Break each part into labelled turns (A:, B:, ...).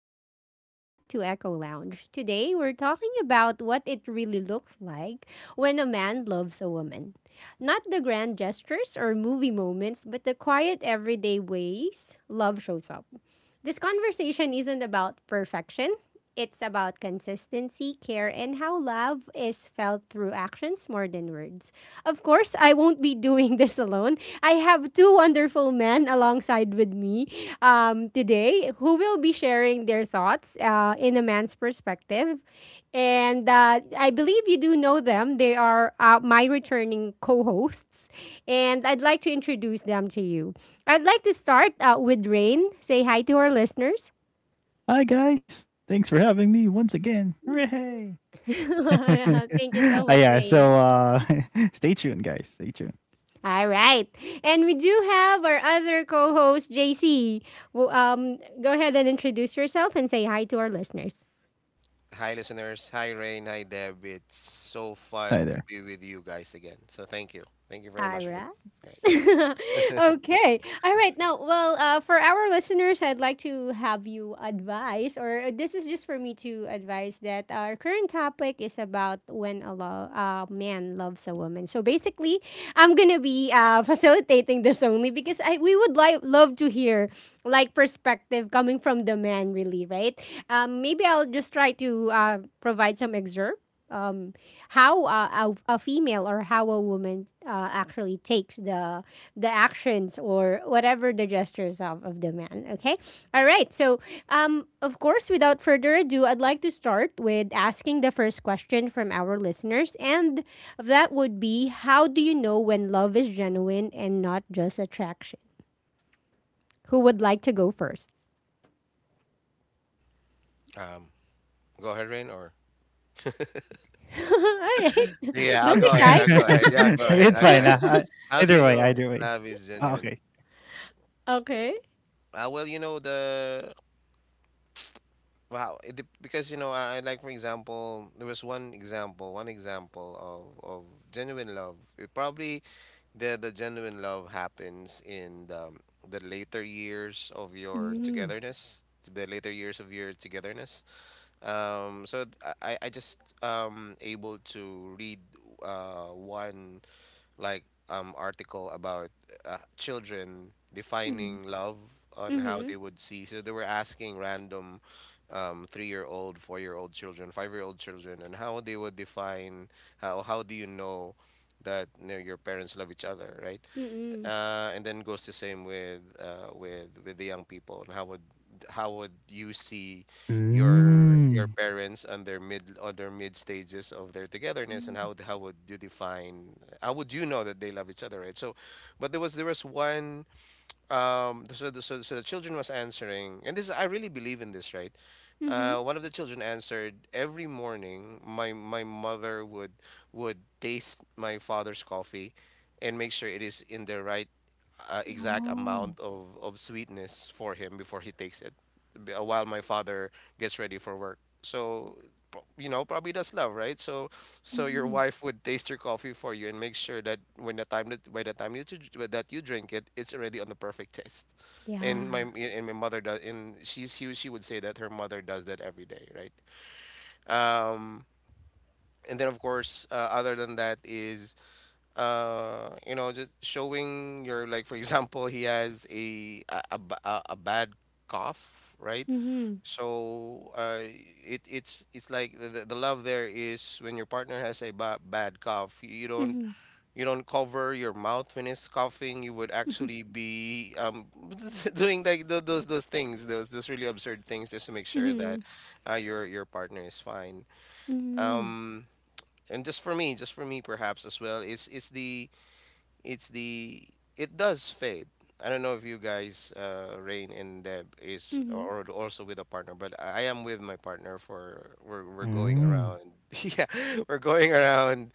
A: everyone. Welcome back to Echo Lounge. Today, we're talking about what it really looks like when a man loves a woman. Not the grand gestures or movie moments, but the quiet, everyday ways love shows up. This conversation isn't about perfection, it's about consistency, care, and how love is felt through actions more than words. Of course, I won't be doing this alone. I have two wonderful men alongside with me today who will be sharing their thoughts in a man's perspective. And I believe you do know them. They are my returning co hosts. And I'd like to introduce them to you. I'd like to start with Rain. Say hi to our listeners.
B: Hi guys, thanks for having me once again. Hooray!
A: Thank you so
B: Ah,
A: much,
B: yeah, so,
A: Rain.
B: stay tuned, guys. Stay tuned.
A: All right. And we do have our other co host, JC. Go ahead and introduce yourself and say hi to our listeners.
C: Hi, listeners. Hi, Rain. Hi, Deb. It's so
B: Hi
C: fun to
B: there.
C: be with you guys again. So thank you. Thank you very
A: All
C: much for
A: right.
C: this. All
A: Okay. All right. Now, for our listeners, I'd like to have you advise, or this is just for me to advise that our current topic is about when a man loves a woman. So basically, I'm gonna be facilitating this only because I we would like love to hear like perspective coming from the man, really, right? Maybe I'll just try to provide some excerpt. Um, how a female or how a woman actually takes the actions or whatever the gestures of the man, okay, all right. So of course, without further ado, I'd like to start with asking the first question from our listeners, and that would be, how do you know when love is genuine and not just attraction? Who would like to go first?
C: right. Go ahead, Rain, or
A: All right.
C: yeah, I'll
A: Don't be
C: go ahead.
A: shy.
C: I'll go ahead. Yeah, I'll go ahead.
B: It's
C: I'll go
B: fine.
C: ahead. How do
B: Either
C: you
B: way,
C: know
B: either way.
C: love is
B: Ah,
C: genuine?
B: okay.
A: Okay.
C: Well, you know the because I like, for example, there was one example of genuine love. It probably, the genuine love happens in the later years of your
A: Mm-hmm.
C: togetherness. the later years of your togetherness so I just able to read one, like, article about children
A: Mm-hmm.
C: defining love, on how
A: Mm-hmm.
C: they would see. So they were asking random, 3-year-old, 4-year-old children, 5-year-old children, and how they would define, how do you know that, you know, your parents love each other, right? And then goes the same with, with the young people. And how would, you see your
B: Mm,
C: parents on their mid stages of their togetherness, and how would, you define, how would you know that they love each other, right? So, but there was one, so so the children was answering, and this I really believe in this, right?
A: Mm-hmm.
C: One of the children answered, "Every morning, my mother would taste my father's coffee, and make sure it is in the right, exact
A: Oh.
C: amount of sweetness for him before he takes it, while my father gets ready for work." So, probably does love, right? So your
A: Mhm.
C: wife would taste your coffee for you and make sure that when the time that by the time you to, that you drink it, it's already on the perfect taste. And my
A: Yeah.
C: and my mother does, and she would say that her mother does that every day, right? Um, and then, of course, other than that is, you know, just showing your, like, for example, he has a, b- a bad cough, right?
A: Mhm.
C: So, it's like, the love there is when your partner has a ba bad cough. You don't,
A: Mhm.
C: cover your mouth when it's coughing. You would actually be, doing, like, those things, those really absurd things, just to make sure that,
A: Mhm.
C: your partner is fine.
A: Mhm.
C: um and just for me, perhaps as well, is the it's the it does fade. I don't know if you guys, Rain and Deb, is,
A: Mhm.
C: or also with a partner, but I am with my partner for, we're going
B: mm,
C: around. Yeah, we're going around.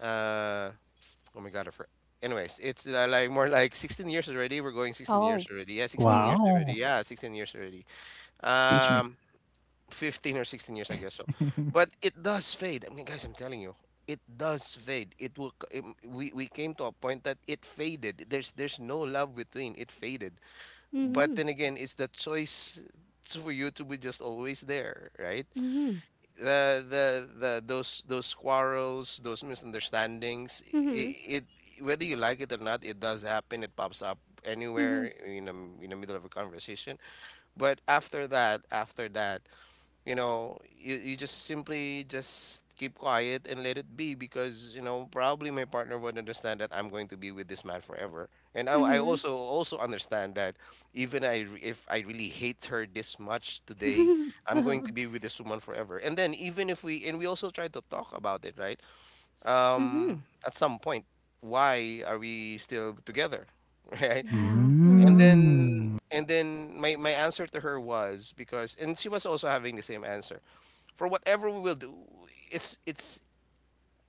C: Uh, oh my God, I for anyways, it's, like, more like 16 years already. We're going 16 years
A: Oh.
C: already. Yeah, 16
A: Mhm.
C: years already.
B: wow.
C: Yeah, 16 years already.
B: Teach me.
C: Um, 15 or 16 years, I guess so. But it does fade. I mean, guys, I'm telling you, it does fade. It will. We came to a point that it faded. There's no love between. It faded. But
A: Mhm.
C: then again, it's the choice, for you to be just always there, right?
A: Mhm.
C: The those quarrels, those misunderstandings.
A: Mhm.
C: It Whether you like it or not, it does happen. It pops up anywhere
A: Mhm.
C: in the middle of a conversation. But after that, you just simply just keep quiet and let it be, because probably my partner would understand that I'm going to be with this man forever. And I
A: Mhm.
C: also understand that, even if I really hate her this much today,
A: Mhm.
C: I'm going to be with this woman forever. And then, even if we and we also try to talk about it, right? At some point, why are we still together, right?
A: Yeah.
C: and
A: Uh-huh.
B: mm,
C: then and then my answer to her was, because, and she was also having the same answer for whatever we will do, it's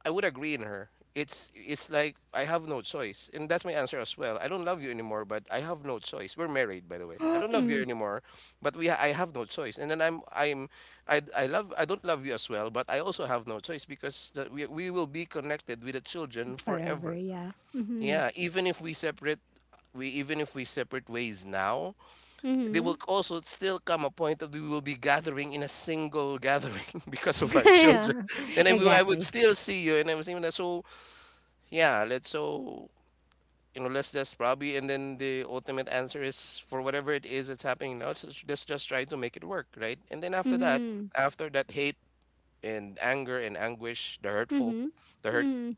C: I would agree in her, it's like I have no choice. And that's my answer as well. I don't love you anymore, but I have no choice, we're married, by the way. I don't love you
A: Mm.
C: anymore, but we I have no choice. And then, I don't love you as well, but I also have no choice, because we will be connected with the children
A: Forever.
C: forever.
A: Yeah. Mhm.
C: Yeah, even if we separate, we even if we separate ways now, there will
A: Mhm.
C: also still come a point that we will be gathering in a single gathering because of our children.
A: Yeah.
C: I would
A: Exactly.
C: still see you, and I was even like, so yeah, let's so you know, let's just probably, and then the ultimate answer is, for whatever it is that's happening now, just let's just try to make it work, right? And then after that,
A: Mhm.
C: hate and anger and anguish, the hurtful,
A: Mhm.
C: the hurt,
A: Mhm.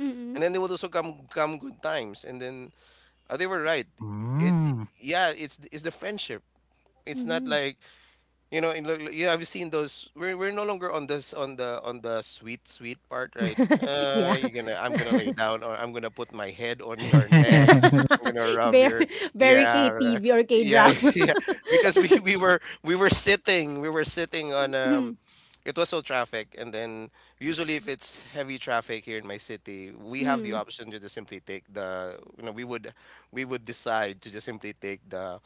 A: Mhm.
C: and then there will also come good times. And then, they were right. It
B: mm.
C: Yeah, it's the friendship. It's not
A: Mhm.
C: like. Yeah, I've seen those. We're no longer on the sweet part, right?
A: Yeah.
C: You're gonna I'm gonna lay down, or I'm gonna put my head on your neck. I'm gonna rub your
A: Very very,
C: Yeah, right.
A: KTV or
C: Yeah,
A: K-drama.
C: yeah. Because we were sitting, on,
A: Mhm.
C: it was so traffic, and then usually if it's heavy traffic here in my city, we have the
A: Mhm.
C: option to just simply take the you know we would decide to just simply take the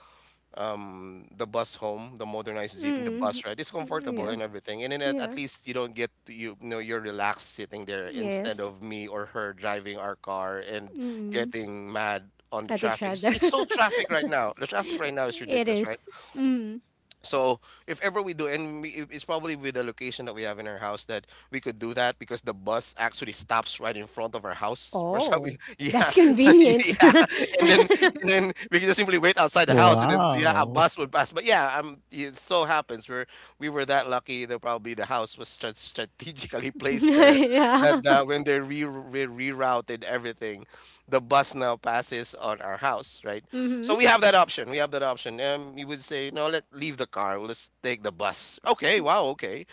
C: um the bus home, the modernized Jeep and the bus
A: Mm.
C: ride. It's
A: Mm,
C: comfortable
A: yeah,
C: and everything. And then, at
A: yeah,
C: least you don't get to, you're relaxed sitting there, instead
A: yes.
C: of me or her driving our car and
A: Mm.
C: getting mad on the
A: At each
C: traffic. It's,
A: other.
C: it's so traffic right now. The traffic right now is
A: It
C: ridiculous, right?
A: is. Mm.
C: So if ever we do, it's probably with the location that we have in our house that we could do that, because the bus actually stops right in front of our house for some
A: Oh.
C: reason. Yeah,
A: That's
C: so
A: convenient.
C: yeah, and then and then we can just simply wait outside the house, and then yeah, a
B: wow.
C: bus would pass. But yeah, it so happens, we were that lucky that probably the house was strategically placed there, that,
A: Yeah.
C: when they rerouted everything, the bus now passes on our house, right? So
A: Mhm.
C: we have that option. We have that option. You would say, no, let leave the car. Let's take the bus. Okay, wow, okay.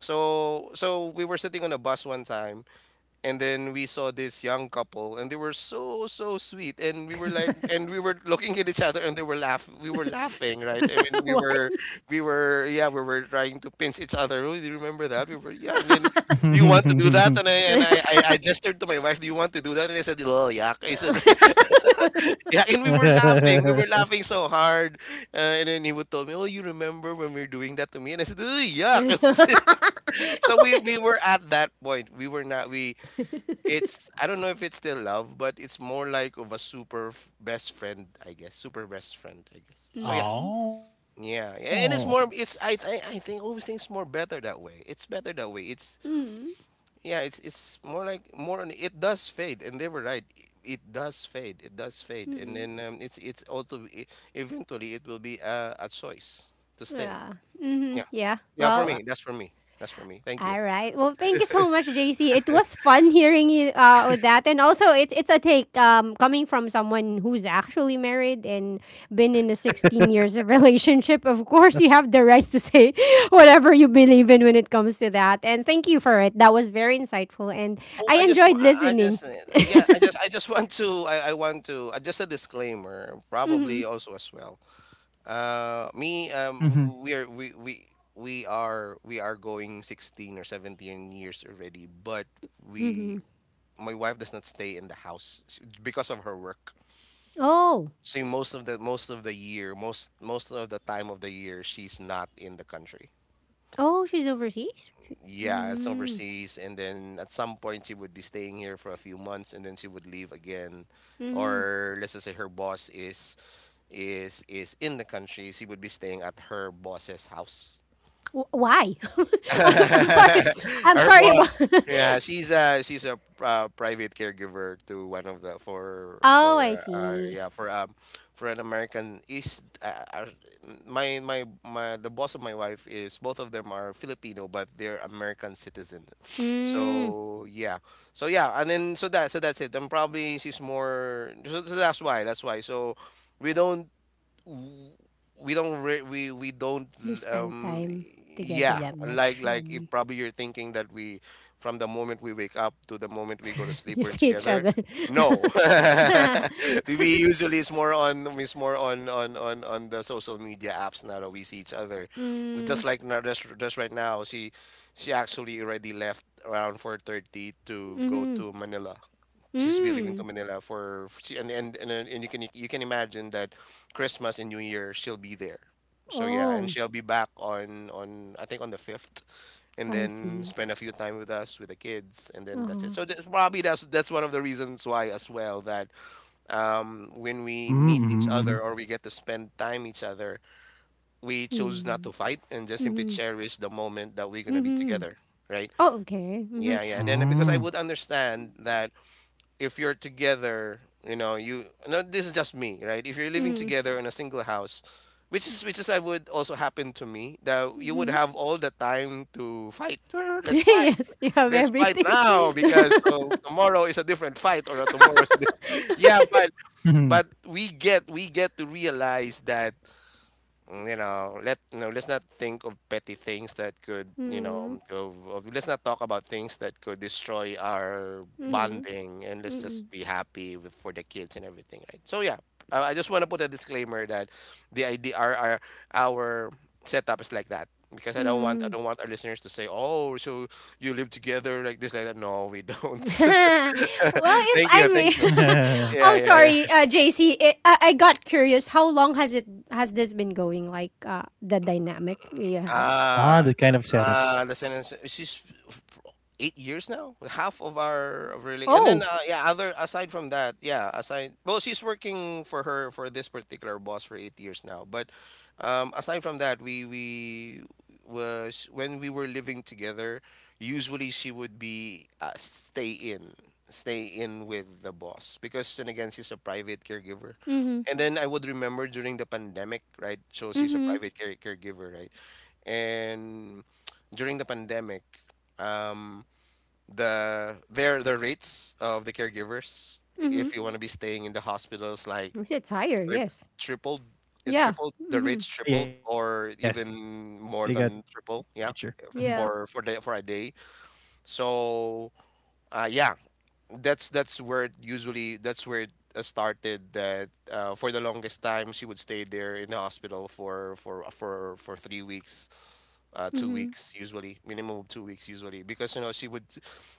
C: So, we were sitting on a bus one time, and then we saw this young couple, and they were so sweet, and we were like, and we were looking at each other, and we were laughing, right? I mean,
A: What?
C: yeah, we were trying to pinch each other. Oh, do you remember that? Yeah, and then. Do you want to do that? And I gestured to my wife, "Do you want to do that?" And I said, "Oh, yeah." I said. Yeah, and we were laughing. We were laughing so hard. And then he would tell me, "Oh, you remember when we were doing that to me?" And I said, "Oh, yuck." So we were at that point. We were not. We It's, I don't know if it's still love, but it's more like of a super best friend, I guess. Super best friend, I guess. So yeah,
A: Mm.
B: oh.
C: yeah, yeah. And it's more. It's, I think always think it's more better that way. It's better that way. It's
A: Mm.
C: Yeah, it's more like, more on, it does fade. And they were right. It does fade. It does fade. And
A: Mm.
C: then, it's also, eventually it will be a choice to stay.
A: Yeah. Mhm.
C: Yeah,
A: Yeah.
C: yeah. For
A: Well,
C: me, that's for me. That's for me. Thank you.
A: all right. Well, thank you so much, JC. It was fun hearing you with that, and also it's a take coming from someone who's actually married and been in a 16 years of relationship. Of course, you have the right to say whatever you believe in when it comes to that. And thank you for it. That was very insightful, and
C: Oh,
A: I enjoyed
C: I
A: listening.
C: just, yeah. I just want to, I want to, just a disclaimer, probably also as well. Uh, me um w- we are we we we are going 16 or 17 years already, but we
A: Hmm.
C: my wife does not stay in the house, because of her work.
A: Oh,
C: So most of the year, most of the time of the year, she's not in the country.
A: oh, she's overseas. She-
C: Yeah, it's
A: mm
C: overseas, and then at some point she would be staying here for a few months, and then she would leave again.
A: Mm.
C: Or let's just say her boss is in the country, she would be staying at her boss's house.
A: Why? I'm sorry. I'm
C: Her
A: sorry
C: mom,
A: about.
C: yeah, she's a private caregiver to one of the
A: Oh, I
C: for
A: see.
C: yeah for an American is my my my the boss of my wife, is both of them are Filipino but they're American citizen,
A: Hmm,
C: so yeah, so yeah, and then so that's it. And probably she's more, so that's why. We don't w- we don't re- we don't
A: you spend
C: um
A: time together
C: yeah,
A: that
C: like
A: much,
C: like if probably you're thinking that we, from the moment we wake up to the moment we go to sleep,
A: you
C: we're
A: see each
C: together,
A: other.
C: no. We usually, it's more on, it's more on the social media apps now that we see each other,
A: Mm,
C: just like now. Just right now, she actually already left around 4:30 to go
A: mhm,
C: to Manila. She used to be living to
A: mm.
C: Manila for she, and then- and you can, you can imagine that Christmas and New Year she'll be there. So yeah, and
A: Oh,
C: she'll be back on, I think, on the fifth, and
A: I
C: then
A: see.
C: spend a few time with us, with the kids, and then that's it.
A: Uh-huh.
C: So that's probably, that's one of the reasons why as well that, when we
B: Mm,
C: meet each
B: mhm,
C: other
B: mhm.
C: or we get to spend time each other, we chose not to
A: Mm,
C: fight and just simply
A: mhm,
C: cherish the moment that we're gonna be
A: mhm.
C: together, right?
A: Oh, okay. Mhm,
C: Yeah, yeah. And then, because
B: Mm.
C: I would understand that if you're together, you know, you, no, this is just me, right? If you're living
A: mm,
C: together in a single house, which is I would also happen to me, that you would
A: mhm.
C: have all the time to fight. "Brr, let's fight.
A: Yes, you have
C: Let's fight
A: everything.
C: now because tomorrow is a different fight, or tomorrow is a different." Yeah, but
B: Mhm.
C: but we get to realize that, mm, you know, let, no, let's not think of petty things that could, you know,
A: Mm,
C: let's not talk about things that could destroy our
A: mhm,
C: bonding, and let's
A: mm,
C: just be happy with, for the kids and everything, right? So yeah, I just want to put a disclaimer that the idea, our setup is like that because I
A: mhm.
C: don't want our listeners to say, "Oh, so you live together like this, like that." No, we don't.
A: Well, if
C: Thank
A: I
C: you,
A: may,
C: thank you. Yeah,
A: oh
C: yeah, yeah.
A: sorry, JC, I got curious. How long has it has this been going? Like the dynamic you have.
B: Ah,
C: Ah.
B: the kind of setup.
C: The sentence, she's 8 years now, half of our of, really. And then
A: Oh.
C: yeah, other aside from that, yeah, aside, well, she's working for her, for this particular boss, for 8 years now. But aside from that, we was when we were living together, usually she would be stay in with the boss because, and again, she's a private caregiver.
A: Mhm.
C: And then I would remember during the pandemic, right? So she's a
A: Mhm.
C: private caregiver, right? And during the pandemic, um, the rates of the caregivers,
A: Mhm.
C: if you want to be staying in the hospitals, like,
A: Yes, it's higher.
C: tri
A: Yes.
C: tripled. It
A: Yeah.
C: tripled, the
A: Mhm.
C: rates tripled, or
B: Yes,
C: even
B: they
C: more
B: got
C: than triple, yeah,
B: picture. Mhm.
A: Yeah.
C: for the, for a day. So, yeah, that's where it usually, that's where it started. That, for the longest time, she would stay there in the hospital for 3 weeks, two
A: Mhm.
C: weeks usually, minimum of 2 weeks usually, because, you know, she would,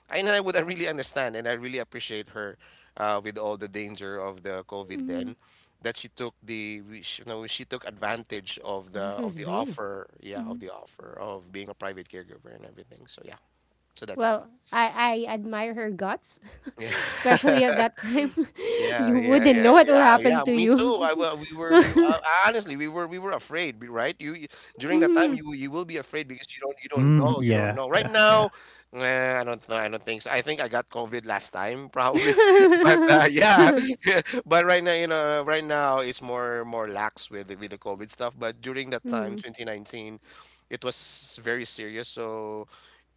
C: and I would, I really understand and I really appreciate her, with all the danger of the COVID
A: Mhm.
C: then, that she took the you know, she took advantage of
A: No, she
C: the of
A: was
C: the
A: brave.
C: offer, yeah, of
A: Mhm.
C: the offer of being a private caregiver and everything. So yeah, so that's it.
A: Well, I admire her guts,
C: Yeah.
A: especially at that time.
C: Yeah,
A: You
C: yeah,
A: wouldn't
C: yeah,
A: know what will
C: yeah,
A: happen
C: yeah.
A: to
C: Me too.
A: you.
C: I wa- we were we Honestly, we were afraid, right? You, during that
A: Mhm.
C: time, you will be afraid because you don't
B: Mm,
C: know,
B: mhm.
C: you don't know.
B: Yeah,
C: Right
B: yeah,
C: now,
B: yeah.
C: nah, I don't know. I don't think so. I think I got COVID last time probably, but yeah, yeah. But right now, you know, right now it's more lax with the, with the COVID stuff. But during that time,
A: Mm.
C: 2019, it was very serious. So,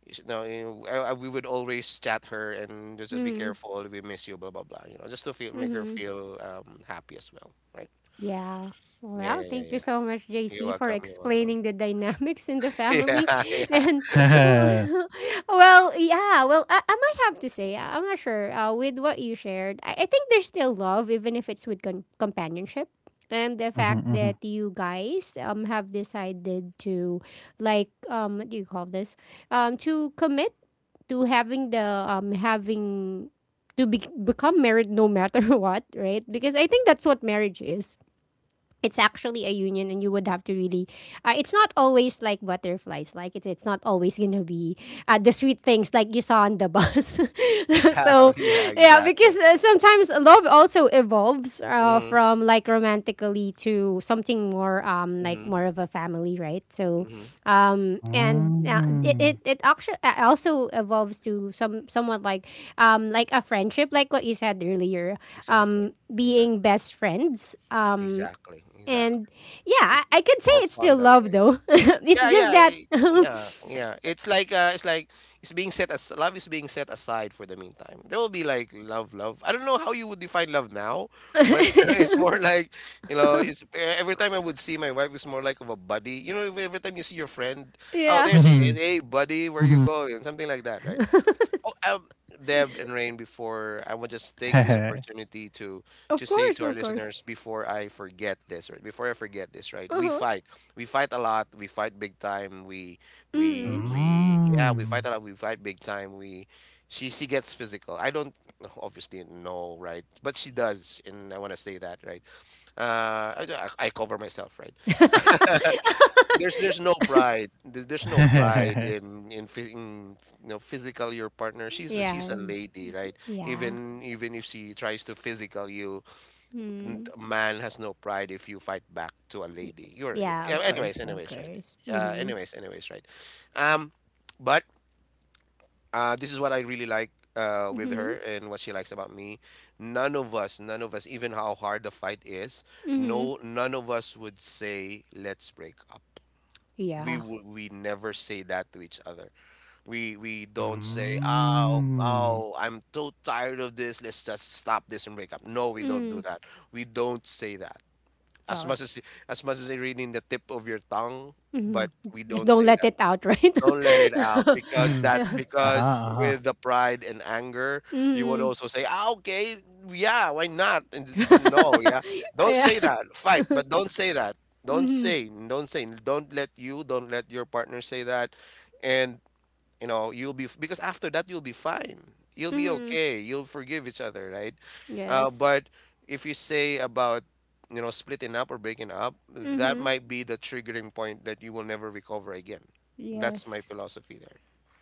C: you know, we would always chat her and just be
A: Mm.
C: careful. We miss you, blah blah blah. You know, just to feel make her
A: Mm.
C: feel happy as well, right?
A: Yeah.
C: Yeah,
A: Well,
C: yeah, yeah,
A: thank you
C: yeah.
A: so much,
C: You're
A: JC, for
C: welcome. You're welcome.
A: explaining the dynamics in the family.
C: Yeah, yeah,
A: And well, well. Well, I might have to say, I'm not sure. With what you shared, I think there's still love, even if it's with companionship. And the
B: Mhm,
A: fact
B: mhm.
A: that you guys have decided to, like what do you call this? To commit to having the having to become married no matter what, right? Because I think that's what marriage is, it's actually a union, and you would have to really it's not always like butterflies, like it's not always gonna be the sweet things like you saw on the bus.
C: yeah,
A: So
C: yeah.
A: yeah,
C: Exactly.
A: because sometimes love also evolves
C: Mhm,
A: from like romantically to something more like
C: mhm,
A: more of a family, right? So
C: mhm.
A: and it, it
B: Mm.
A: it actually also evolves to some somewhat like a friendship, like what you said earlier,
C: Exactly,
A: being
C: exactly,
A: best friends.
C: exactly, exactly.
A: And yeah,
C: It's
A: I could say
C: more
A: it's
C: fun
A: still
C: that
A: love
C: way.
A: though. It's
C: Yeah, yeah,
A: just that.
C: yeah, yeah. It's like, it's being set, as love is being set aside for the meantime. There will be like love, love. I don't know how you would define love now, but it's more like, you know, it's, eh, every time I would see my wife, it's more like of a buddy. You know, every time you see your friend,
B: Mhm,
C: "Oh,
A: Yeah,
C: there she is. Hey,
B: mhm.
C: buddy, where you going?" Something like that, right? Oh, Deb and Rain, before, I would just take this opportunity to
A: of
C: to say
A: course,
C: to our
A: of course.
C: listeners, before I forget this, right? Before I forget this, right?
A: Uh
C: We
A: huh.
C: fight. We fight a lot. We fight big time.
A: Mm.
C: We yeah, we fight
B: Mm.
C: a lot. We fight big time. We, she gets physical. I don't obviously know, right? But she does, and I want to say that, right? Uh, I, I cover myself, right? There's no pride. There's no pride in, in, you know, physical your partner.
A: Yeah,
C: She's a lady, right?
A: yeah.
C: Even, even if she tries to physical you,
A: Mm.
C: a man has no pride if you fight back to a
A: Y-
C: lady. You're, yeah,
A: Yeah,
C: yeah.
A: of
C: Anyways,
A: course, of
C: anyways, right.
A: course. Mm-hmm.
C: Anyways, anyways, right. Um, but this is what I really like with
A: Mm-hmm.
C: her, and what she likes about me. None of us, none of us, even how hard the fight is,
A: Mm-hmm.
C: no, none of us would say, "Let's break up."
A: Yeah.
C: We never say that to each other. We don't say, "Oh,
B: Mm.
C: oh, I'm so tired of this. Let's just stop this and break up." No, we don't
A: Mm.
C: do that. We don't say that. As
A: Well,
C: much as much as it really in the tip of your tongue,
A: mm.
C: but we
A: Just
C: don't
A: don't
C: say
A: let
C: that.
A: it out, right?
C: Don't let it out because
B: Mhm.
C: that,
A: Yeah.
B: Uh-huh,
C: because
B: uh-huh.
C: with the pride and anger, you would
A: Mm.
C: also say, "Ah, okay, yeah, why not?" And, but no, yeah, don't
A: Yeah.
C: say that. Fight, but don't say that. Don't
A: Mm-hmm.
C: say, don't say, don't let you, don't let your partner say that. And, you know, you'll be, because after that you'll be fine. You'll be
A: Mm-hmm.
C: okay. You'll forgive each other, right?
A: Yes.
C: But if you say about, you know, splitting up or breaking up, that
A: Mm-hmm.
C: might be the triggering point that you will never recover again. That's my
A: Yes.
C: philosophy there.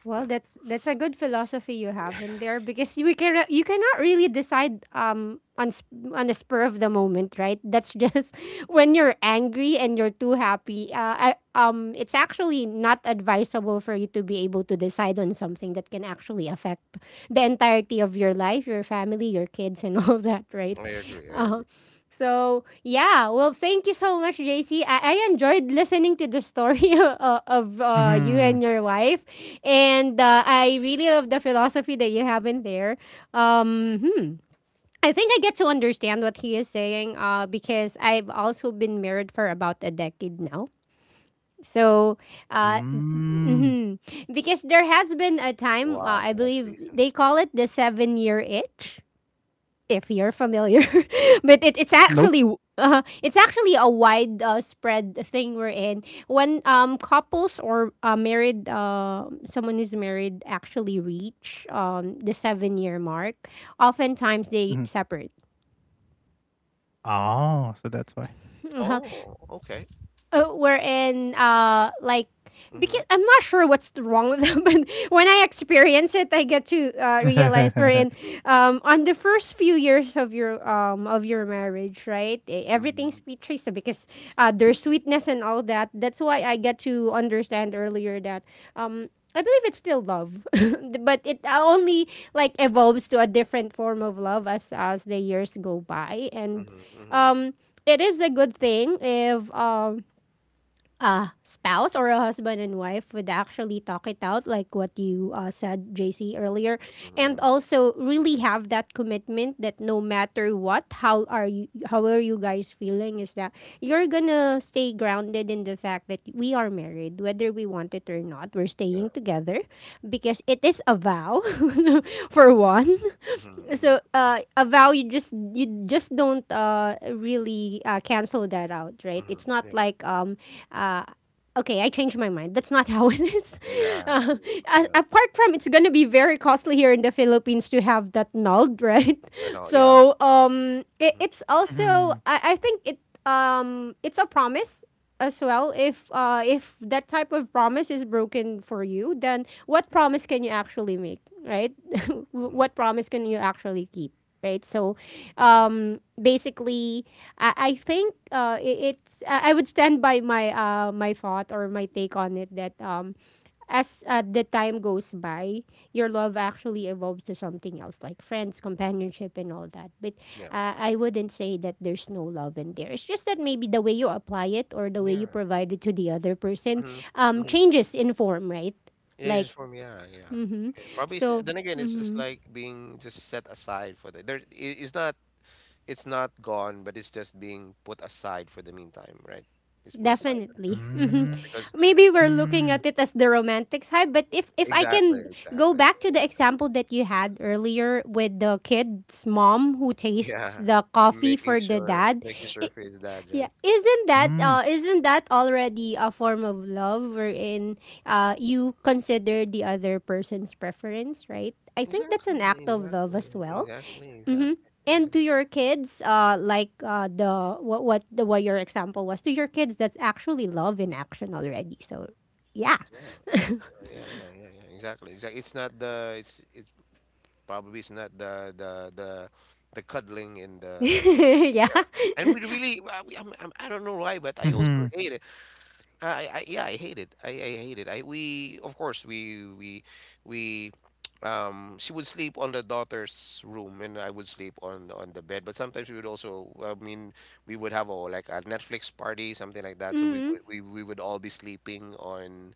A: Well,
C: Yeah,
A: that's a good philosophy you have in there, because we can you cannot really decide on on the spur of the moment, right? That's just when you're angry and you're too happy. It's actually not advisable for you to be able to decide on something that can actually affect the entirety of your life, your family, your kids, and all that, right?
C: I agree. I
A: Uh,
C: agree.
A: so yeah, well, thank you so much, JC. I enjoyed listening to the story of you and
B: Mhm.
A: your wife, and I really love the philosophy that you have in there. Hmm. I think I get to understand what he is saying because I've also been married for about a decade now. So, uh,
B: Mm.
A: mhm. Because there has been a time,
C: Wow,
A: I believe they
C: congratulations.
A: call it the 7 year itch, if you're familiar. But it,
B: Nope.
A: it's actually a wide spread thing we're in when couples or married someone who's married actually reach the 7 year mark. Oftentimes
B: Mhm.
A: they separate.
B: Oh, so that's why.
A: Uh-huh.
C: Oh, okay.
A: Wherein like
C: Mm-hmm.
A: because I'm not sure what's wrong with them, but when I experience it, I get to realize we're in, on the first few years of your marriage, right?
C: Mm-hmm.
A: Everything's peachy, so because there's sweetness and all that. That's why I get to understand earlier that I believe it's still love, but it only like evolves to a different form of love as the years go by, and
C: Mm-hmm.
A: um, it is a good thing if a spouse or a husband and wife would actually talk it out, like what you said, JC, earlier,
C: Mm-hmm.
A: and
C: Mm-hmm.
A: also really have that commitment that no matter what, how are you guys feeling, is that you're gonna stay grounded in the fact that we are married, whether we want it or not, we're
C: Yeah.
A: staying together, because it is a vow for one.
C: Mm-hmm.
A: So
C: Mm-hmm.
A: a vow, you just don't really cancel that out, right? It's not
C: Mm-hmm.
A: like uh okay, I changed my mind. That's not how it is.
C: Yeah.
A: uh,
C: Yeah.
A: as,
C: Yeah. Yeah.
A: apart from it's going to be very costly here in the Philippines to have that nulled, right?
C: I know. Yeah.
A: So it, it's also,
B: Mhm.
A: I think it, it's a promise as well. If if that type of promise is broken for you, then what promise can you actually make, right?
C: Mm-hmm.
A: What promise can you actually keep, right? So
C: Mm-hmm.
A: basically, I think it, it's, I would stand by my my thought or my take on it that, as the time goes by, your love actually evolves to something else like friends, companionship, and all that. But
C: Yeah.
A: I wouldn't say that there's no love in there. It's just that maybe the way you apply it or the way
C: Yeah.
A: you provide it to the other person
C: Hmm. Hmm.
A: changes in form, right?
C: It's
A: Like
C: just for me, yeah, yeah.
A: mm-hmm.
C: Yeah, probably,
A: So
C: then again, it's just
A: mm-hmm.
C: like being just set aside for the there. It's not, it's not gone, but it's just being put aside for the meantime, right? It's put aside for the
A: Definitely.
C: meantime, yeah,
A: Mhm.
C: yeah. Because
B: Mm,
A: Maybe we're looking at it as the romantic side, but if I
C: exactly,
A: can go
C: exactly.
A: back to
C: you're
A: the
C: right.
A: example that you had earlier with the kid's mom who tastes
C: Yeah,
A: the coffee
C: making
A: for the
C: sure,
A: dad,
C: making sure
A: it,
C: for his dad,
A: yeah,
C: right?
B: mm,
A: isn't that already a form of love wherein you consider the other person's preference, right? I think that's
C: Exactly,
A: an act of love
C: exactly,
A: as well.
C: exactly,
A: Mm-hmm.
C: exactly,
A: And to
C: exactly.
A: your kids, like the what the what your example was to your kids, that's actually love in action already. So, yeah,
C: Yeah, yeah, yeah, yeah, yeah, yeah. Exactly, exactly. It's, probably it's not the cuddling and the, you know,
A: yeah.
C: yeah. And we really, I'm, I don't know why, but I
B: mhm.
C: also hate it. I, yeah, I hate it. I hate it. I, we, of course, we she would sleep on the daughter's room and I would sleep on the bed. But sometimes we would also, I mean, we would have a, like a Netflix party, something like that. So
A: Mm-hmm.
C: we would all be sleeping on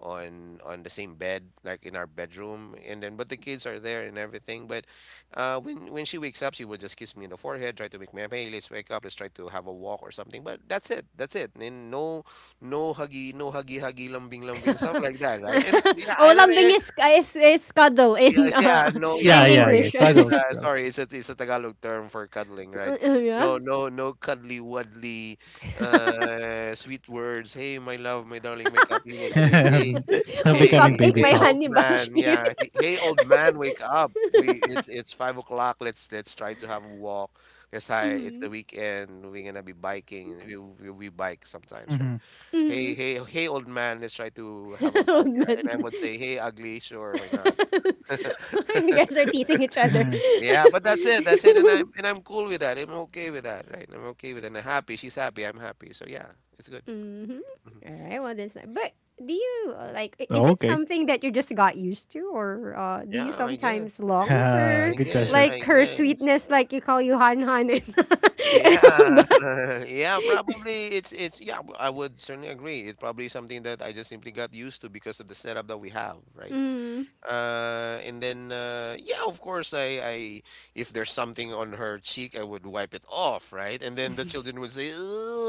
C: on the same bed like in our bedroom, and then but the kids are there and everything. But when she wakes up, she will just kiss me in the forehead, try to make me up. Hey, let's wake up, let's try to have a walk or something. But that's it, that's it. And no, no huggy, no huggy huggy, lambing lambing stuff like that, right? And yeah,
A: Oh,
C: and then
A: lambing is cuddle in
C: yes, yeah, no, yeah,
B: Yeah,
A: in
B: yeah,
C: sorry,
B: yeah,
A: English.
C: it's
B: cuddle, cuddle.
C: sorry, it's it's a Tagalog term for cuddling, right?
A: Yeah,
C: No, no, no, cuddly wuddly, sweet words. Hey, my love, my darling, wake up, he would say. Hey,
B: It's not
A: my
B: becoming
C: hey,
A: cupcake,
B: baby
C: hey,
A: my
B: talk.
C: old
A: honey bunch
C: man.
A: here.
C: Yeah. Hey, hey, old man, wake up. We It's 5 o'clock. Let's try to have a walk. Let's, hi, it's
A: Mm-hmm.
C: the weekend. We're gonna be biking. We bike sometimes, right?
B: Mhm,
A: Mm-hmm.
C: Hey, hey, hey, old man. Let's try to have a
A: Old
C: bike. Yeah. And
A: man,
C: I would say, hey, ugly. Sure, why not?
A: you guys are teasing each other.
B: mhm.
C: Yeah, but that's it. That's it. And I'm cool with that. I'm okay with that, right? I'm okay with it. And I'm happy. She's happy. I'm happy. So yeah, it's good.
A: Mhm.
C: Mhm.
A: All right. Well, that's not, but do you
B: Oh,
A: like
B: okay.
A: is it something that you just got used to, or do you
C: Yeah, I guess.
A: sometimes long for
C: I
B: Good
C: guess.
B: question.
C: I
A: like her
C: guess.
A: sweetness, like you call you Han Han and, and all
C: Yeah,
A: that?
C: yeah, probably it's yeah, I would certainly agree. It's probably something that I just simply got used to because of the setup that we have, right?
A: Mm.
C: And then yeah, of course, I, if there's something on her cheek, I would wipe it off, right? And then the children would say,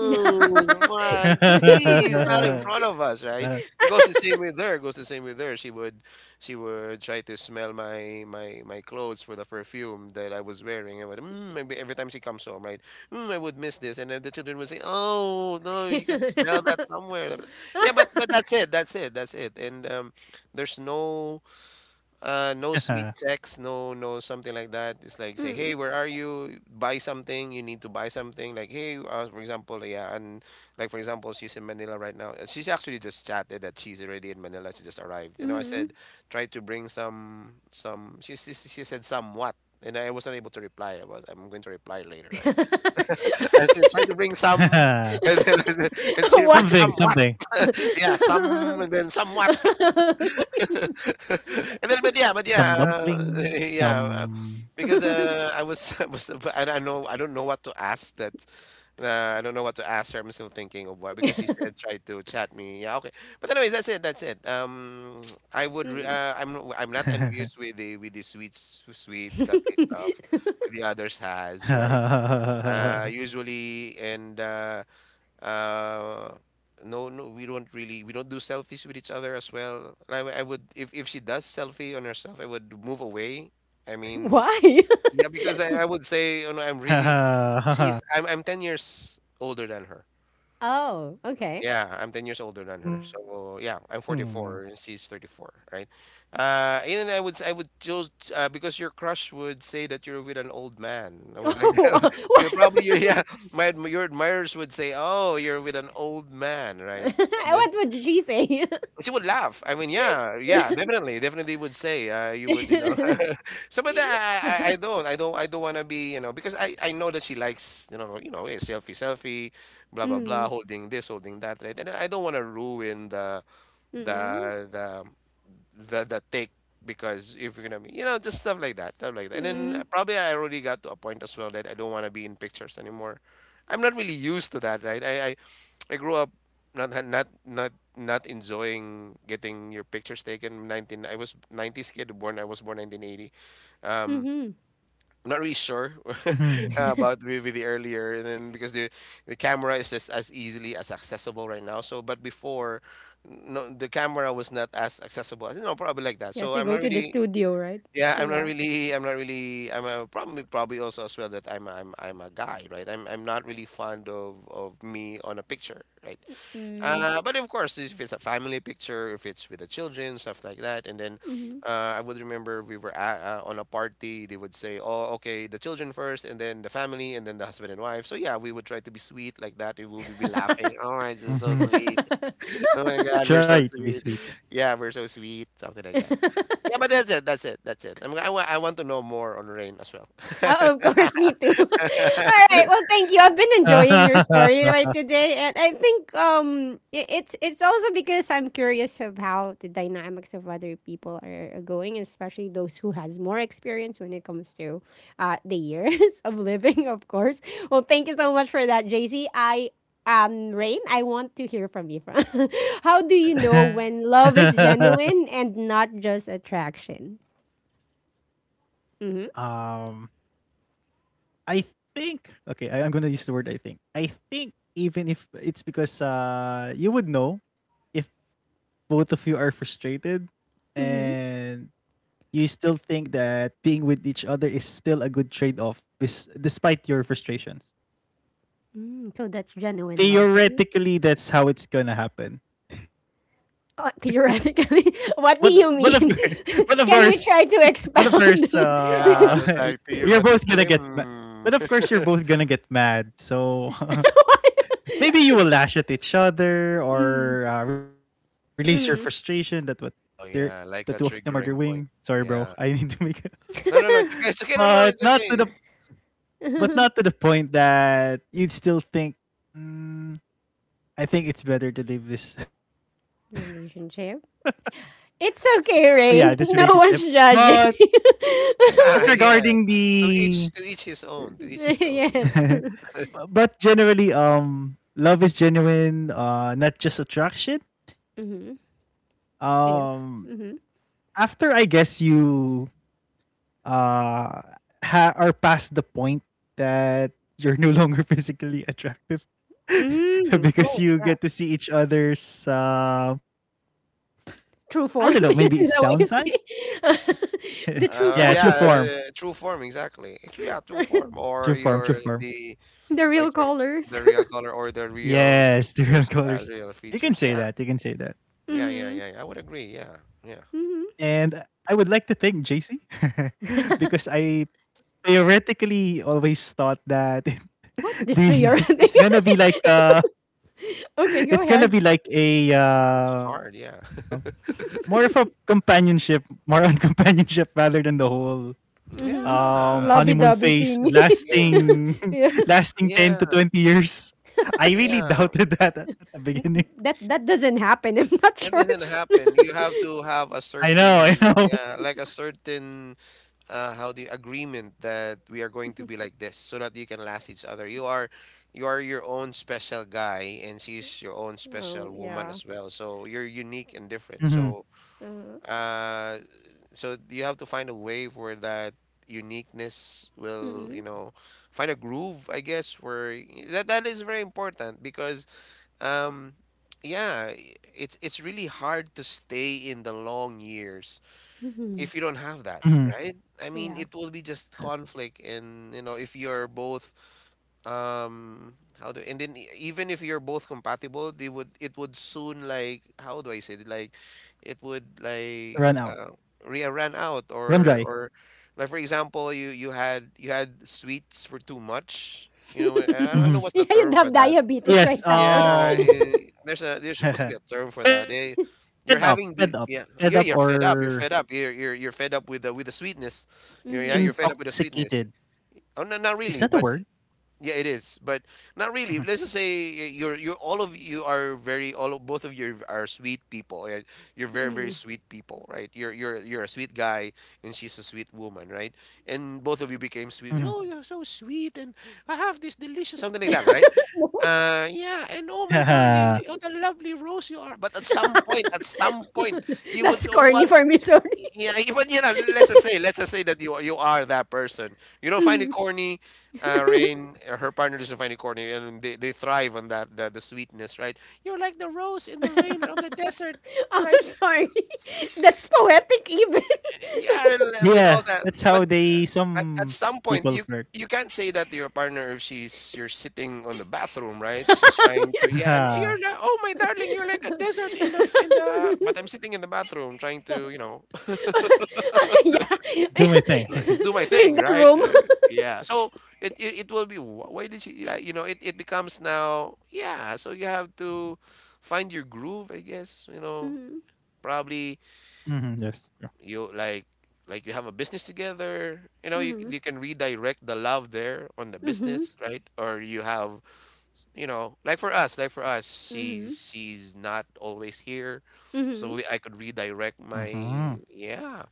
C: man, please, not in front of us," right? It goes the same with her. Goes the same with her. She would try to smell my my clothes for the perfume that I was wearing. I would, maybe every time she comes home, right? I would miss this, and then the children would say, "Oh no, you can smell that somewhere." Yeah, but that's it. That's it. That's it. And there's no sweet text, no, something like that. It's like, say,
A: Mm.
C: hey, where are you? Buy something. You need to buy something. Like, hey, for example, yeah, and like for example, she's in Manila right now. She's actually just chatted that she's already in Manila. She just arrived. You know, I
A: Mm.
C: said, try to bring some, some. She said somewhat, and I was not able to reply. I'm going to reply later, right? I said, try to bring some, and then I said, and she replied,
A: What?
C: somewhat.
B: Something, something.
C: Yeah, some, and then somewhat. And then,
B: Some
C: but yeah,
B: dumpling,
C: yeah,
B: some.
C: because I was, I was, I don't know what to ask that. I don't know what to ask her. I'm still thinking of what, because she said try to chat me. Yeah, okay. But anyways, that's it. That's it. I would. Re
A: Mm.
C: I'm not envious with the sweet, sweet, cutty stuff with the others has, right. Usually, and uh, no, no, we don't do selfies with each other as well. I would, if she does selfie on herself, I would move away. I mean,
A: Why?
C: yeah, because I would say, you know, I'm really, she's I'm 10 years older than her.
A: Oh, okay.
C: Yeah, I'm 10 years older than her. So yeah, I'm
B: Hmm.
C: 44 and she's 34, right? And then I would choose, because your crush would say that you're with an old man. I would like,
A: Oh, what
C: you probably your, yeah, your admirers would say, "Oh, you're with an old man," right?
A: what would she say?
C: She would laugh. I mean, yeah, yeah, definitely, definitely would say, you would, you know. So, but I don't, I don't want to be, you know, because I know that she likes, you know, eh, selfie, selfie, blah, blah,
A: Mm,
C: blah, holding this, holding that, right? And I don't want to ruin
A: mm,
C: the, the, the take, because if you're gonna be, you know, just stuff like that, stuff like that. And then
A: mm,
C: probably I already got to a point as well that I don't want to be in pictures anymore. I'm not really used to that, right? I grew up not enjoying getting your pictures taken. I was nineties kid born. I was born 1980. Um,
A: mhm.
C: I'm not really sure
B: Mhm,
C: about maybe the earlier, and then because the camera is just as easily as accessible right now. So, but before, no, the camera was not as accessible. You know, probably like that.
A: Yes,
C: So
A: you
C: I'm
A: go
C: not
A: to the
C: really.
A: studio, right?
C: Yeah,
A: For
C: I'm not
A: that.
C: really. I'm not really. I'm a, probably probably also as well that I'm a guy, right? I'm not really fond of me on a picture, right?
A: Mm,
C: But of course, if it's a family picture, if it's with the children, stuff like that, and then
A: mhm.
C: I would remember we were at, on a party. They would say, "Oh, okay, the children first, and then the family, and then the husband and wife." So yeah, we would try to be sweet like that. We would be laughing. Oh, it's just so
B: mhm.
C: sweet. Oh my God, we're
B: Try
C: so
B: to be
C: sweet.
B: sweet.
C: Yeah, we're so sweet. Something like that. Yeah, but that's it. That's it. That's it. I want to know more on rain as well.
A: Oh, of course, me too. All right. Well, thank you. I've been enjoying your story right today, and I think it's also because I'm curious of how the dynamics of other people are going, and especially those who has more experience when it comes to the years of living, of course. Well, thank you so much for that, JC. I Rain, I want to hear from you. From how do you know when love is genuine and not just attraction? Mm-hmm.
B: um I think, okay, I'm gonna use the word I think. I think even if it's because you would know if both of you are frustrated and you still think that being with each other is still a good trade off despite your frustrations.
A: Mm, so that's genuine love for you.
B: Theoretically, that's how it's gonna happen.
A: Theoretically,
B: But
A: what
B: of
A: do you
B: course.
A: mean?
B: but of course
A: Can we try to
B: but of course
A: expound
C: Yeah, I was like
B: you're both gonna
C: theoretically.
B: get ma- But
C: Hmm.
B: of course you're both gonna get mad. So, maybe you will lash at each other or release your frustration, that what they're the
C: Oh
B: two of
C: yeah,
B: them are
C: like a
B: doing.
C: triggering point.
B: Sorry, bro. I
C: Yeah.
B: need to make it,
C: No, no, no. It's okay. It's okay. No,
B: but
C: no. It's
B: not to the
C: okay.
B: but not to the point that you'd still think. Mm, I think it's better to leave this.
A: relationship? It's
B: Yeah,
A: okay,
B: this
A: Rain.
B: relationship.
A: No one's
B: But
A: judging.
B: but
C: Yeah,
B: regarding
C: yeah.
B: the
C: To each his own. To each his own. Yeah.
A: Yes.
B: bu- but generally, love is genuine. Not just attraction.
A: Mm-hmm.
B: Um,
A: If.
B: After,
A: Mm-hmm.
B: I guess, you uh are past the point that you're no longer physically attractive
A: Mm.
B: because
A: Oh,
B: you
A: yeah.
B: get to see each other's I don't know, maybe it's
A: True form is
B: downside.
A: that what you say?
B: Yeah,
A: The
B: true
A: true form,
B: form.
C: Yeah. True form. Exactly. It's yeah. True form
B: True form,
C: or
B: true form.
C: your the,
A: the real
C: like for, the
A: colors.
C: real color or the real
B: Yes, the real
C: features.
B: colors.
C: Yeah. The real
B: You can
C: features.
B: say
C: Yeah.
B: that. You can say that.
C: Yeah. Yeah.
A: Mm-hmm.
C: Yeah, yeah. I would agree. Yeah.
B: And
C: Yeah.
B: I
A: Mm-hmm.
B: would like to thank JC because I theoretically always thought that
A: What's this
B: the it's
A: theoretic?
B: gonna be like.
A: Okay,
B: It's
A: go
B: gonna be
A: ahead.
B: like a
C: It's hard. Yeah.
B: more of a companionship, more on companionship rather than the whole
A: Mm-hmm.
B: honeymoon
C: Yeah,
A: Lovey
B: phase
A: dovey thing.
C: yeah,
B: lasting
A: Yeah.
B: lasting 10 to
C: yeah,
B: 20 years. I really
C: yeah.
B: doubted that at the beginning.
A: That doesn't happen. I'm not
C: That
A: sure.
C: doesn't happen. You
B: I
C: have to
B: know,
C: have a
B: I know.
C: certain, yeah, like a certain how do you, agreement that we are going to be like this so that you can last each other. You are your own special guy and she's your own special woman
A: Yeah.
C: as well. So you're
B: Hmm.
C: unique and different. So
A: Uh-huh.
C: uh, so you have to find a way where that uniqueness will, you
A: Mm-mm.
C: know, find a groove, I guess, where that is very important. Because um, yeah, it's really hard to stay in the long years
A: Mhm.
C: if you don't
B: Hmm.
C: have that, right? I mean,
A: Yeah.
C: it will be just conflict, and you know, if you're both, um, how do, and then even if you're both compatible, they would, it would soon like, how do I say it? Like, it
B: Run out,
C: would like, re run
B: run
C: out,
B: dry.
C: or, like for example, you had sweets for too much, you know, and I
B: Hmm.
C: don't know what's
A: Yeah,
C: the
A: you'd
C: term for
A: have
C: that.
A: diabetes
B: Yes.
A: right after.
C: Yeah, eh, there's supposed to be a term for
B: Fed
C: that.
B: up,
C: They,
B: fed up,
C: you're
B: fed up,
C: having the, yeah
B: or
C: you're fed up. You're fed up. You're fed up with the sweetness. You're, yeah,
A: Mm-hmm.
C: you're fed up with the
B: intoxicated.
C: sweetness. Oh, no,
B: Is
C: not
B: that the
C: really, but
B: word?
C: yeah, it is. But not really.
B: Hmm.
C: Let's just say you're all of you are very, all of both of you are sweet people. Right? You're very very sweet people, right? You're a sweet guy and she's a sweet woman, right? And both of you became
B: Hmm.
C: sweet. Oh, you're so sweet, and I have this delicious something like that, right? Yeah, and oh my darling, what a lovely rose you are. But at some point, you
A: That's
C: would
A: corny
C: want,
A: for me, sorry.
C: yeah, even you know, let's just say that you are that person. You don't find it
A: Mhm.
C: corny. Rain, her partner doesn't find it corny, and they thrive on that the sweetness, right? You're like the rose in the rain of the desert,
A: I'm
C: right?
A: sorry. That's poetic even.
C: Yeah, and, with all
B: Yeah,
C: that.
B: that's
C: But
B: how they
C: at
B: some
C: some point,
B: people flirt.
C: you can't say that to your partner if she's, you're sitting on the bathroom, right? She's trying to, yeah, and you're like, oh my darling, you're like a desert in the in the. But I'm sitting in the bathroom trying to, you know,
A: Yeah.
B: Do my thing.
C: do my thing,
A: Read the
C: right?
A: room.
C: Yeah. So it will be, "Wh- why did she like, you know, it becomes now yeah. So you have to find your groove, I guess. You know
A: Mm-hmm.
C: probably
B: Hmm, yes.
C: you like you have a business together, you know, you,
A: Mm-hmm.
C: you can redirect the love there on the
A: Mm-hmm.
C: business, right, or you have, you know, like for us,
A: Mm-hmm.
C: she's not always here,
A: Mm-hmm.
C: so I could
B: Mm-hmm.
C: redirect my, yeah.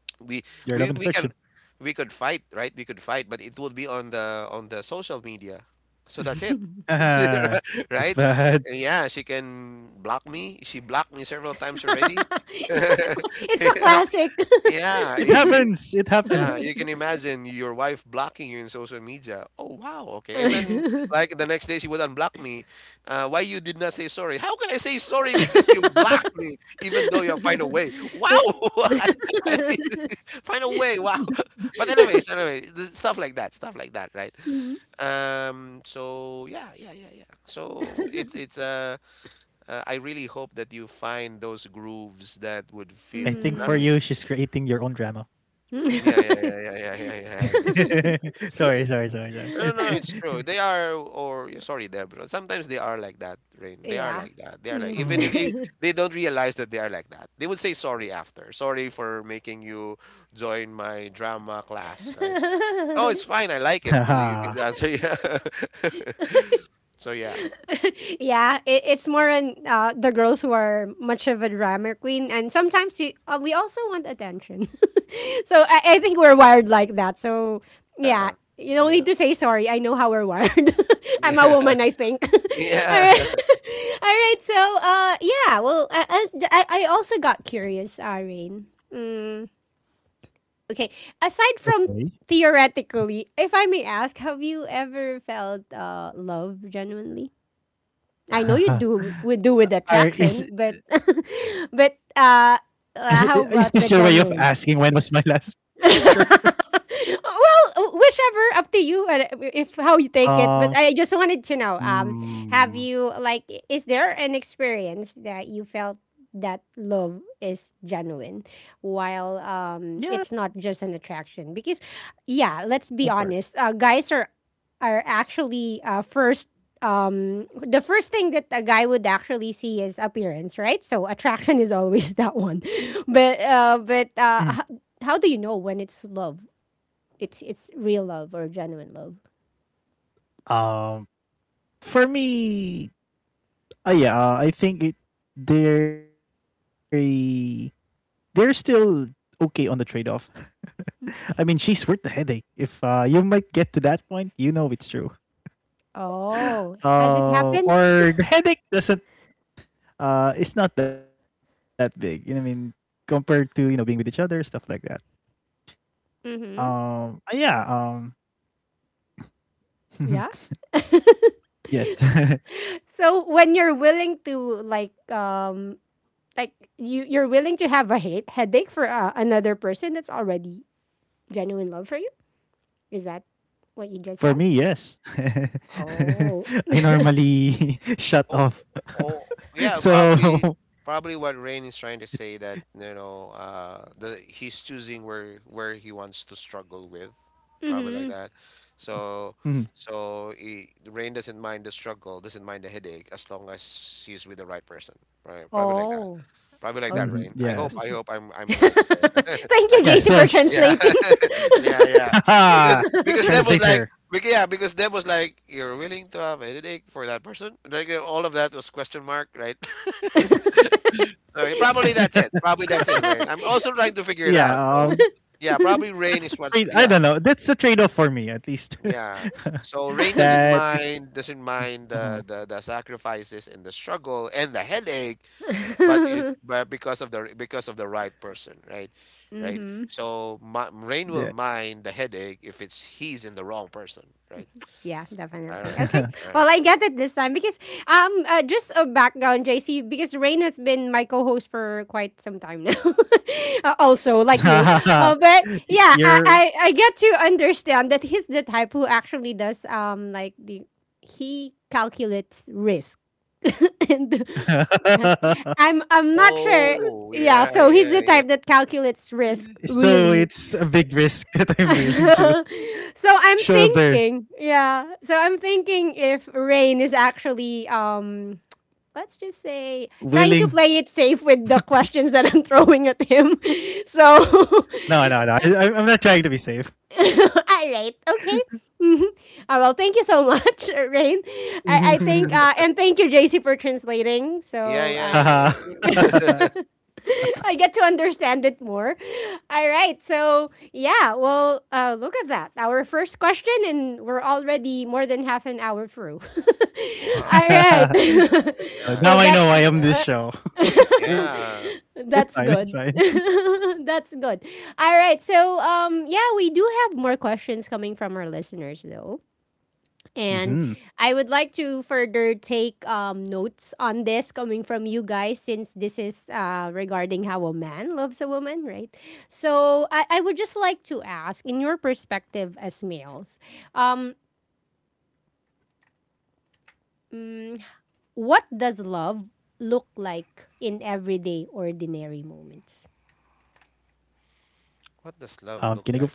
B: Your love
C: we
B: and
C: we
B: affection.
C: we can, we could fight, but it would be on the social media. So that's it.
B: It's
C: Right,
B: bad.
C: yeah, she can block me. She blocked me several times already.
A: It's a
C: yeah,
A: classic.
C: yeah,
B: It happens. It
C: yeah,
B: happens.
C: you can imagine your wife blocking you in social media. Oh wow, okay. And then like the next day she would unblock me. Why you did not say sorry? How can I say sorry because you blocked me, even though you find a way? Wow, find a way. Wow. But anyway, stuff like that, right?
A: Mhm.
C: So yeah. So it's I really hope that you find those
B: I
C: grooves
B: think for
C: that
B: you,
C: would
B: she's
C: feel
B: creating
C: not
A: Mm.
B: your
C: really.
B: own drama.
C: Yeah, yeah, yeah, yeah, yeah, yeah, yeah. I guess, I guess, I guess,
B: Sorry,
C: I
B: sorry, sorry,
C: guess, I guess.
B: sorry.
C: No, no, no, it's true. They are, or yeah, sorry, Deborah. Sometimes they are like that, Rain. They are
A: Yeah.
C: like that. They are like,
A: Mm.
C: even
B: Mhm.
C: if they don't realize that they are like that, they would say sorry after. Sorry for making you join my drama class, right? Oh, it's fine. I like it. You
B: Haha.
C: can answer, yeah. So yeah,
A: Yeah, it's more on the girls who are much of a drama queen, and sometimes we also want attention. So I think we're wired like that. So yeah,
C: yeah,
A: you don't
C: yeah,
A: need to say sorry. I know how we're wired. I'm a
C: yeah,
A: woman, I think. All
C: yeah.
A: right. All right. So yeah. Well, I also got curious, Rain. Mm. Okay. Aside from
B: Okay.
A: theoretically, if I may ask, have you ever felt love genuinely? I know you do would do with
B: Are,
A: attraction, but but
B: is this your way of
A: how about the
B: asking when was
A: genuine?
B: my last girlfriend?
A: Well, whichever, up to you, if how you take it.
B: Um.
A: But I just wanted to know, have
B: Mm,
A: you is there an experience that you felt that love is genuine, while
B: yeah,
A: it's not just an attraction? Because, yeah,
B: of
A: let's
B: course.
A: be honest, guys are actually first the first thing that a guy would actually see is appearance, right? So attraction is always that one, but
B: Mhm.
A: how do you know when it's love? It's real love or genuine love.
B: Um, for me, yeah, I think it they they're still okay on the trade off. I mean, she's worth the headache. If you might get to that point, you know it's true.
A: Oh, has it happened?
B: Or the headache doesn't, it's not that big. You know what I mean, compared to being with each other, stuff like that.
A: Mm-hmm.
B: Yeah.
A: Yeah.
B: Yes.
A: So when you're willing to like um like you're willing to have a hate headache for another person, that's already genuine love for you. Is that what
B: For
A: you
B: me,
A: just said?
B: yes. I
A: Oh.
B: normally shut off.
C: Oh, oh, yeah, probably,
B: So,
C: what Rain is trying to say that, you know, the he's choosing where he wants to struggle with, probably like
A: Mm-hmm.
C: that.
B: mhm,
C: So, so Rain doesn't mind the struggle, doesn't mind the headache as long as he's with the right person, right? Probably like that.
A: Oh.
B: mhm,
C: Probably
B: yes.
C: like that,
A: Oh.
C: Rain. I hope. I hope I'm right. Rain.
B: Yes,
A: Thank
C: I
A: you,
C: think.
A: JC,
B: yes.
A: for
C: Yeah.
A: translating.
C: Yeah. Yeah.
B: Haha.
C: Because that
B: Translator.
C: was like. Yeah. Because that was like you're willing to have a headache for that person. Like all of that was question mark, right? So yeah, probably that's it. Probably that's it, Rain. I'm also trying to figure
B: Yeah,
C: it out. So yeah,
B: that's
C: probably
B: the
C: Rain
B: trade.
C: is
B: I don't
C: what's.
B: know.
C: Yeah.
B: That's the trade off for me, at least.
C: Yeah. So Rain
B: that
C: doesn't
B: if
C: mind. Doesn't mind
B: mhm,
C: the sacrifices and the struggle and the headache, but because of the, right person, right? Right.
A: Mhm.
B: yeah,
C: So Rain will mind the headache if it's he's in the wrong person, right?
A: Yeah,
C: All
A: definitely.
C: right.
A: Okay.
C: All
A: Well,
C: right.
A: I get it this time because just a background, JC, because Rain has been my co-host for quite some time now. Also, like you,
B: Y-
A: but yeah,
B: you're
A: I get to understand that he's the type who actually does like the he calculates risk and uh, I'm not sure.
C: Oh
A: Yeah,
C: yeah
A: so he's
C: yeah
A: the
C: yeah
A: type that calculates
B: so
A: risk
B: it's a
A: really
B: big risk that I'm willing to
A: so I'm
B: shoulder.
A: thinking, yeah. So I'm thinking if Rain is actually, let's just say, trying to
B: Willing
A: play it safe with the questions that I'm throwing at him.
B: No,
A: So,
B: no, no. I, I'm not trying to be safe.
A: all right, okay. Mm-hmm. Well, thank you so much, Rain. I think, and thank you, JC, for translating.
C: yeah
A: So,
C: yeah yeah
B: Haha.
C: yeah, yeah.
A: I get to understand it more. All right. So, yeah, well, look at that. Our first question, and we're already more than half an hour through. All
C: Wow.
A: right.
C: yeah
B: So now
C: yeah
B: I
A: well,
C: yeah
B: know I
A: that's.
B: am this show. It's fine. It's
C: yeah
B: fine.
A: That's good. That's good. All right. So, yeah, we do have more questions coming from our listeners, though.
B: hmm
A: And I would like to further take notes on this coming from you guys, since this is regarding how a man loves a woman, right? So I would just like to ask, in your perspective as males, um, mm, what does love look like in everyday ordinary moments?
C: What
B: Can I
C: does
B: go
C: love
B: first?
C: look like?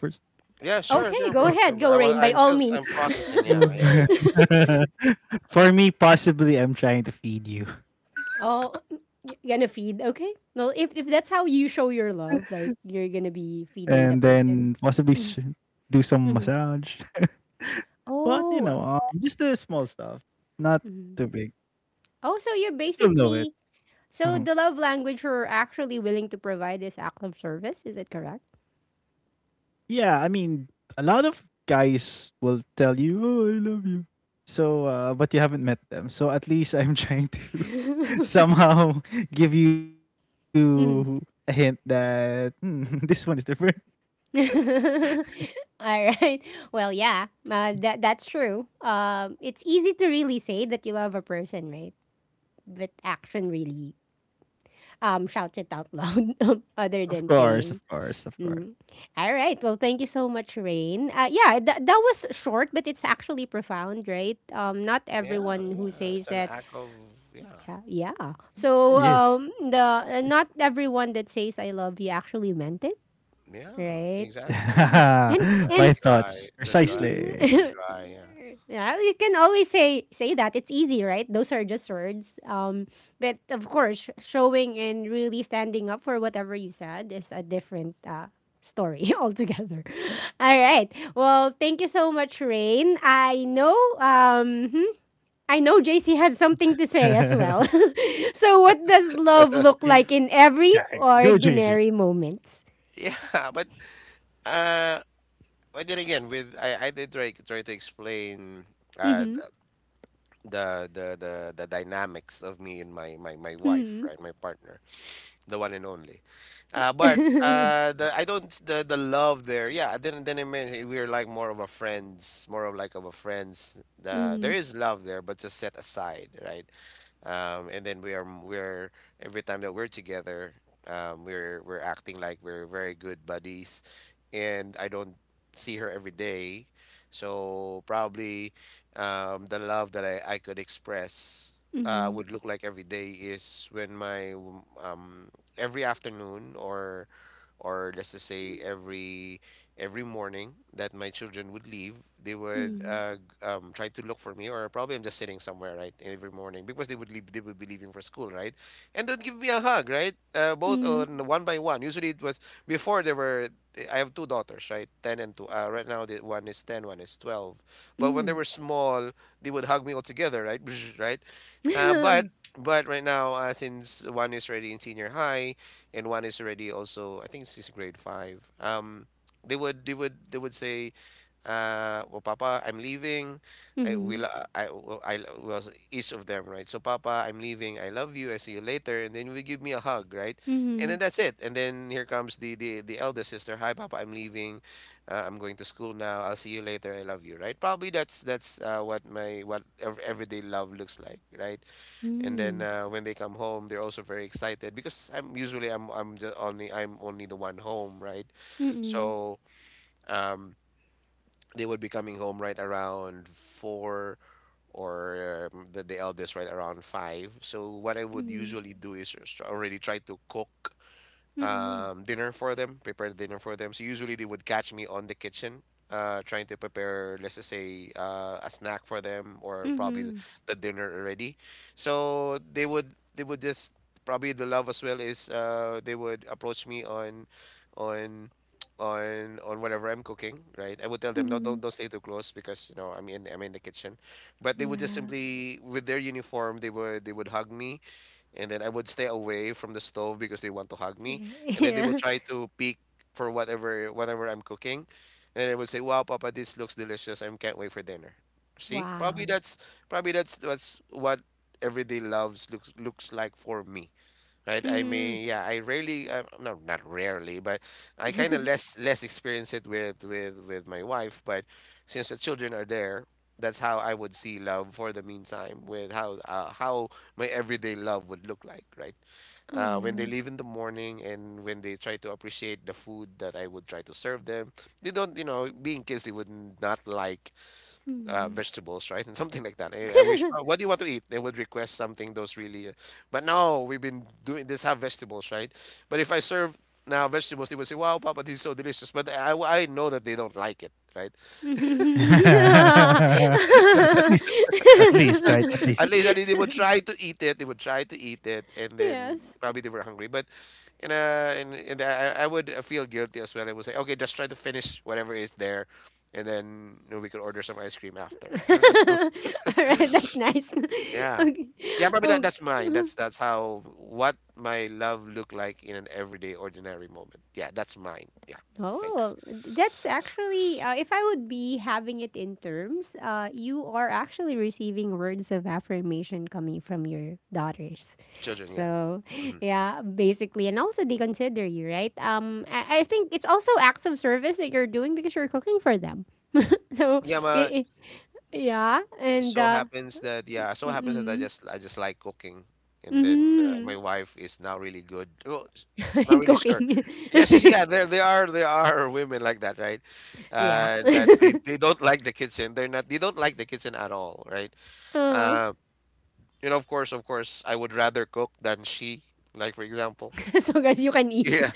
C: yeah sure
A: Okay,
C: sure
A: go
C: bro
A: ahead, go Rain, by all
C: I'm
A: means.
C: processing.
B: Ooh.
C: yeah yeah yeah
B: For me, possibly I'm trying to feed you,
A: Oh, you're gonna feed, okay? Well, if that's how you show your love, like you're gonna be
B: and
A: feeding the
B: then
A: person.
B: possibly do some
A: Mhm.
B: massage. But you know,
A: Oh.
B: just the small stuff, not too big.
A: Oh, so you're
B: You'll know it.
A: basically, so
B: Mm-hmm.
A: the love language you're actually willing to provide is act of service, is it correct?
B: Yeah, I mean, a lot of guys will tell you, "Oh, I love you." So, but you haven't met them. So at least I'm trying to somehow give you a hint
A: Mhm.
B: that this one is different.
A: All right. Well, yeah, that's true. It's easy to really say that you love a person, right? But action really shouts it out loud, other
B: Of
A: than
B: course, of
A: saying.
B: course, of course.
A: Mm. All right. Well, thank you so much, Rain. Yeah, that was short, but it's actually profound, right? Not
C: yeah
A: everyone who
C: yeah
A: says
C: It's an
A: that.
C: act of, yeah.
A: Yeah, yeah. So
B: Yes, yes.
A: the not everyone that says I love you actually meant it,
C: Yeah,
A: right?
C: exactly, exactly.
A: And
B: My
A: and
C: Like
B: thoughts
C: dry, the dry,
B: precisely.
C: the dry.
A: yeah, you can always say that. It's easy, right? Those are just words. But of course, showing and really standing up for whatever you said is a different story altogether. All right. Well, thank you so much, Rain. I know. I know JC has something to say as
B: Yeah,
A: well. So, what does love look like in
B: go
A: every
B: JC.
A: ordinary moments?
C: Yeah, yeah. Uh, but then again, with I did try to explain uh
A: Mm-hmm.
C: the dynamics of me and my wife,
A: Mm-hmm.
C: right, my partner, the one and only. But the I don't the love there. Yeah, then I mean we're like more of a friends,
A: Mm-hmm.
C: There is love there, but just set aside, right? And then we're every time that we're together, we're acting like we're very good buddies, and I don't see her every day, so probably the love that I could express
A: Mm-hmm.
C: would look like every day is when my, um, every afternoon, or let's just say every morning that my children would leave, they would, try to look for me, or probably I'm just sitting somewhere, right, every morning, because they would leave, they would be leaving for school, right, and they'd give me a hug, right, both
A: Mm-hmm.
C: on one by one. Usually it was before there were. I have two daughters, right, ten and two. Right now, the one is 10, one is 12. But when they were small, they would hug me all together, right, right. Uh,
A: Mm-hmm.
C: but but right now, since one is already in senior high, and one is already also, I think she's grade 5. They would say, "Well, Papa, I'm leaving. I
A: Mm-hmm.
C: will I well I lo- well each of them," right? So, "Papa, I'm leaving. I love you. I see you later." And then you would give me a hug, right? And
A: Mm-hmm.
C: then that's it. And then here comes the eldest sister. "Hi, Papa. I'm leaving. I'm going to school now. I'll see you later. I love you." Right? Probably that's what my, what everyday love looks like, right? And then when they come home, they're also very excited because I'm the only, I'm only the one home, right?
A: Mm-hmm.
C: So um, they would be coming home right around 4, or the eldest right around 5. So what I would
A: Mm-hmm.
C: usually do is already try to cook
A: Mm-hmm.
C: dinner for them, prepare the dinner for them. So usually they would catch me on the kitchen, trying to prepare, let's just say, a snack for them, or
A: Mm-hmm.
C: probably
A: Mm-hmm.
C: the dinner already. So they would just probably the love as well is, they would approach me on on on whatever I'm cooking, right? I would tell them, "No,
A: Mm-hmm.
C: don't stay too close because you know I'm in the kitchen," but they would just
A: Yeah.
C: simply with their uniform they would hug me, and then I would stay away from the stove because they want to hug me,
A: Yeah.
C: and then they would
A: Yeah.
C: try to peek for whatever I'm cooking, and I would say, "Wow, Papa, this looks delicious. I can't wait for dinner." See, probably
A: Wow.
C: that's what everyday loves looks like for me, right? I
A: Mm-hmm.
C: mean, yeah, I rarely, no, not rarely, but I kind of less experience it with my wife. But since the children are there, that's how I would see love for the meantime, with how, how my everyday love would look like, right? When they
A: Oh.
C: leave in the morning, and when they try to appreciate the food that I would try to serve them, they don't, you know, being kids, they would not like,
A: Mm-hmm.
C: vegetables, right? And something like that. I wish, "Oh, what do you want to eat?" They would request something, those really, but now we've been doing this, have vegetables, right? But if I serve now vegetables, they would say, "Wow, Papa, this is so delicious." But I know that they don't like it, right?
A: Yes.
B: At least, at least, right? At least.
C: At least they would try to eat it. They would try to eat it. And then probably they were hungry. And I would feel guilty as well. I would say, okay, just try to finish whatever is there. And then you know, we could order some ice cream after. You know, just to.
A: All right, that's nice.
C: Yeah.
A: Okay.
C: Yeah, probably
A: Oh.
C: that's mine.
A: Mhm.
C: That's how what my love look like in an everyday ordinary moment. Yeah, that's mine. Yeah. Thanks.
A: Oh, that's actually if I would be having it in terms, you are actually receiving words of affirmation coming from your daughters.
C: Children, yeah.
A: So,
C: Hmm.
A: yeah, basically, and also they consider you, right? I think it's also acts of service that you're doing because you're cooking for them. so,
C: Yeah, ma,
A: i- i- Yeah, and
C: so happens that
A: mm-mm.
C: I just like cooking, and then my
A: Mhm.
C: wife is now really good. Well, not
A: And
C: really sure.
A: cooking.
C: Yes, yeah, there are women like that, right?
A: Yeah.
C: That they, don't like the kitchen. They don't like the kitchen at all, right?
A: Oh.
C: Um, You know, I would rather cook than she, like, for example.
A: So guys, you can eat.
C: Yeah,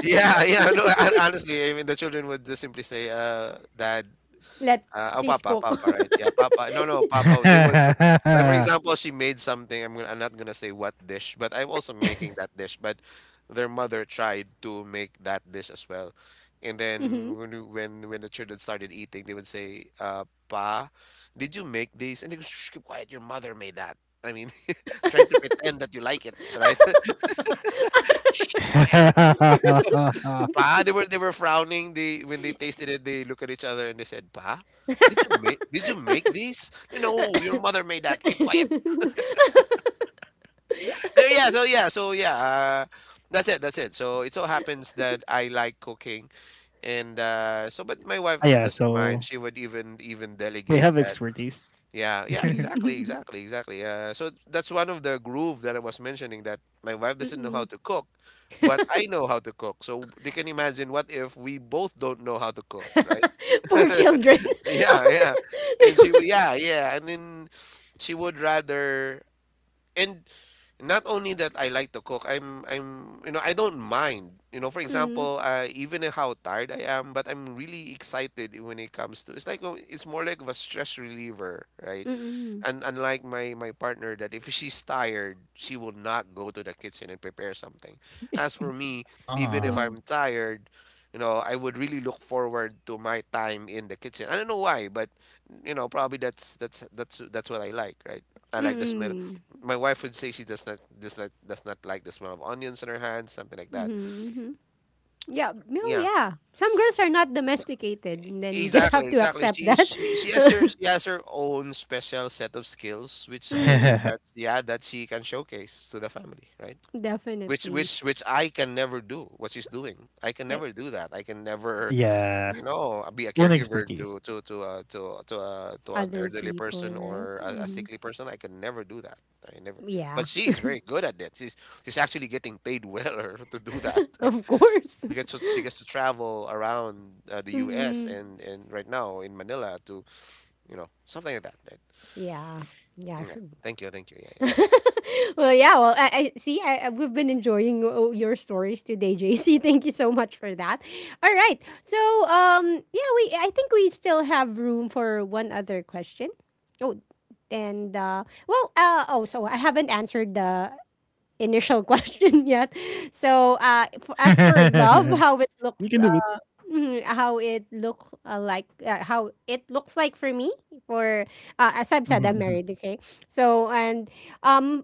C: yeah. No, honestly, I mean, the children would just simply say, Dad,
A: Let
C: oh,
A: please
C: Papa,
A: cook.
C: Papa, right? Yeah, Papa. No, no, Papa. They would, like, for example, she made something. I'm not gonna say what dish, but I'm also making that dish. But their mother tried to make that dish as well. And
A: Mhm.
C: then when you- when the children started eating, they would say, "Pa, did you make these?" And they go, "Shh, keep quiet. Your mother made that." I mean, try to pretend that you like it, right? "Shh, be quiet. Pa," they were frowning. They when they tasted it, they look at each other and they said, "Pa, did you make these?" "No, no, your mother made that. Keep quiet." Eh, yeah, so yeah, that's it. That's it. So it so happens that I like cooking, and but my
B: Ah,
C: wife
B: yeah,
C: doesn't mind.
B: so
C: She would even
B: they
C: delegate
B: have
C: that.
B: expertise.
C: Yeah, yeah,
A: Mhm.
C: exactly. So that's one of the groove that I was mentioning, that my wife doesn't know how
A: Mm-mm.
C: to cook, but I know how to cook. So you can imagine what if we both don't know how to cook, right?
A: Poor children.
C: Yeah, yeah. Yeah, yeah. And then she would rather and not only that I like to cook, I'm, you know, I don't mind. You know, for
A: Mm.
C: example, even if how tired I am, but I'm really excited when it comes to, it's like, oh, it's more like of a stress reliever, right?
A: Mm-mm.
C: And unlike my partner, that if she's tired, she will not go to the kitchen and prepare something. As for me, even if
A: Mm.
C: I'm
B: Ah.
C: tired, you know, I would really look forward to my time in the kitchen. I don't know why, but probably that's what I like, right? I like the smell.
A: Mm-mm.
C: My wife would say she does not like the smell of onions on her hands, something like that.
A: Mhm. Yeah, well,
C: Yeah,
A: yeah. Some girls are not domesticated, and then we just
C: exactly,
A: have to
C: exactly.
A: accept that.
C: She has her own special set of skills, which I
A: Mm,
C: would that yeah that she can showcase to the family, right?
A: definitely.
C: Which I can never do what she's doing. I can
A: Eh,
C: never do that. I can never,
B: Yeah,
C: you know, be a
B: one
C: caregiver
B: expertise.
C: to an
A: other
C: elderly
A: people,
C: person
A: right?
C: or a
A: Hmm.
C: sickly person. I can never do that. I never. But
A: Yeah,
C: she is very good at that. She's actually getting paid well to do that. Right?
A: of course.
C: She gets to travel around the U.S.
A: Mm.
C: and right now in Manila to, you know, something like that. Right?
A: Yeah. Yeah,
C: Yeah.
A: sure.
C: Thank you. Thank you. Yeah. Yeah.
A: Well, yeah. Well, I see. We've been enjoying your stories today, JC. Thank you so much for that. All right. So, um, yeah, we. I think we still have room for one other question. Oh, and well, so I haven't answered the initial question yet. So, f as for love, how it
B: You
A: looks
B: can do it.
A: mhm, how it look like how it looks like for me for as I've said, I'm married, okay,
B: Mhm, mhm.
A: so and um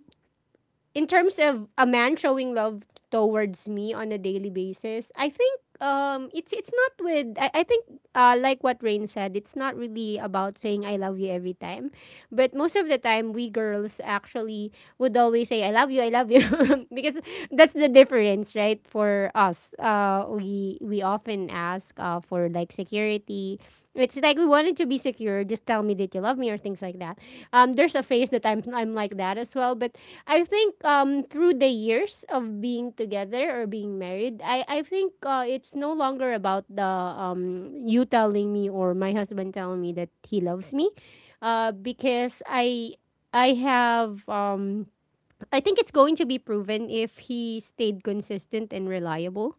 A: in terms of a man showing love towards me on a daily basis, I think it's not with. I think like what Rain said, it's not really about saying I love you every time. But most of the time we girls actually would always say I love you because that's the difference, right? For us. We often ask for like security. It's like we wanted to be secure, just tell me that you love me or things like that. There's a phase that I'm like that as well, but I think through the years of being together or being married, I think, it's no longer about the you telling me or my husband telling me that he loves me, because I have um I think it's going to be proven if he stayed consistent and reliable,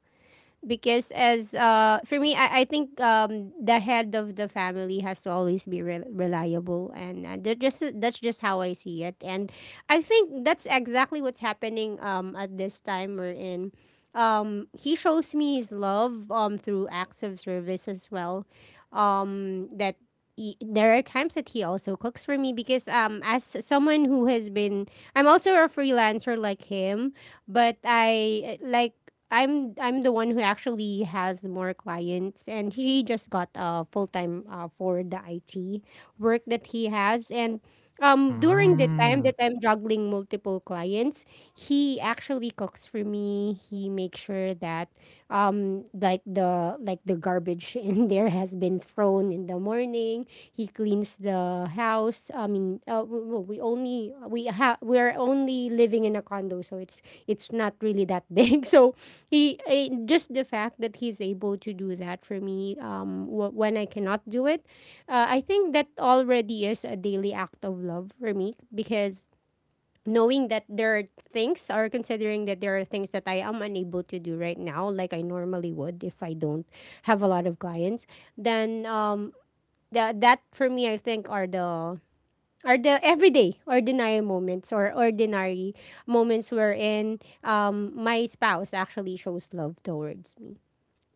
A: because as for me, I think the head of the family has to always be reliable, and that's just how I see it, and I think that's exactly what's happening at this time we're in. He shows me his love through acts of service as well, um that there are times that he also cooks for me, because as someone who has been, I'm also a freelancer like him, but I like I'm the one who actually has more clients, and he just got full time for the IT work that he has, and during the time that I'm juggling
B: Mm,
A: multiple clients, he actually cooks for me. He makes sure that the garbage in there has been thrown in the morning. He cleans the house. I mean, we have we're only living in a condo, so it's not really that big. So just the fact that he's able to do that for me when I cannot do it, I think that already is a daily act of love for me because knowing that there are things, or considering that there are things that I am unable to do right now like I normally would if I don't have a lot of clients, then that for me I think are the everyday ordinary moments, or ordinary moments wherein my spouse actually shows love towards me,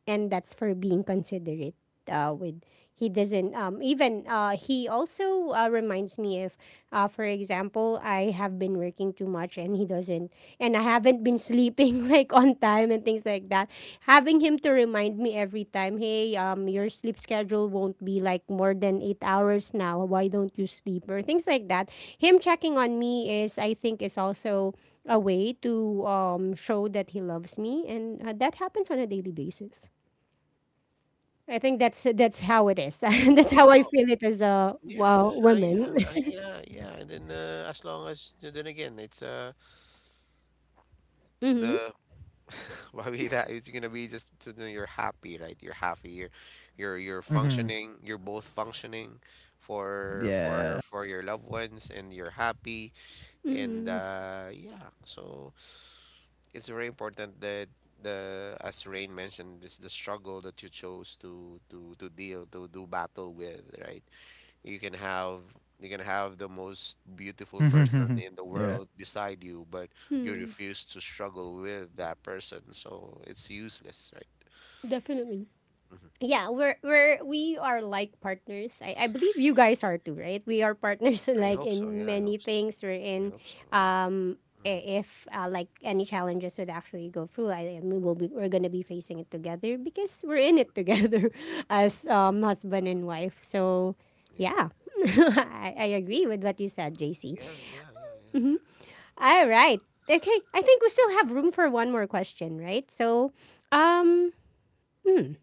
A: and that's for being considerate with he doesn't even he also reminds me if for example, I have been working too much and he doesn't and I haven't been sleeping like on time and things like that. Having him to remind me every time, hey, your sleep schedule won't be like more than 8 hours now, why don't you sleep, or things like that. Him checking on me is, I think, is also a way to show that he loves me, and that happens on a daily basis. I think that's how it is. That's how I
C: Wow.
A: feel it as a,
C: Yeah,
A: well, woman.
C: yeah. And then as long as, and then again, it's uh
A: Mm-hmm.
C: the probably that it's gonna be just to know you're happy, right? You're happy. You're functioning. You're both
B: mhm.
C: functioning for your loved
B: Yeah.
C: ones, and you're happy. And
A: Mm-hmm.
C: yeah, so it's very important that the as Rain mentioned, it's the struggle that you chose to do battle with, right? You can have the most beautiful person in the world beside
B: yeah.
C: you, but you
A: Mm,
C: refuse to struggle with that person, so it's useless, right?
A: definitely.
C: Mhm.
A: Yeah, we are like partners. I believe you guys are too, right? We are partners
C: I
A: like
C: hope so.
A: in
C: Yeah, I
A: many
C: hope so.
A: things. We're
C: I
A: in,
C: hope so. I hope so.
A: um
C: Mhm.
A: I- if like any challenges would actually go through, we're gonna be facing it together because we're in it together as
C: Mm.
A: husband and wife. So
C: Yeah.
A: yeah, I agree with what you said, JC.
C: Yeah, yeah, yeah, yeah, yeah.
A: All right. Okay. I think we still have room for one more question, right? So, um, hmm.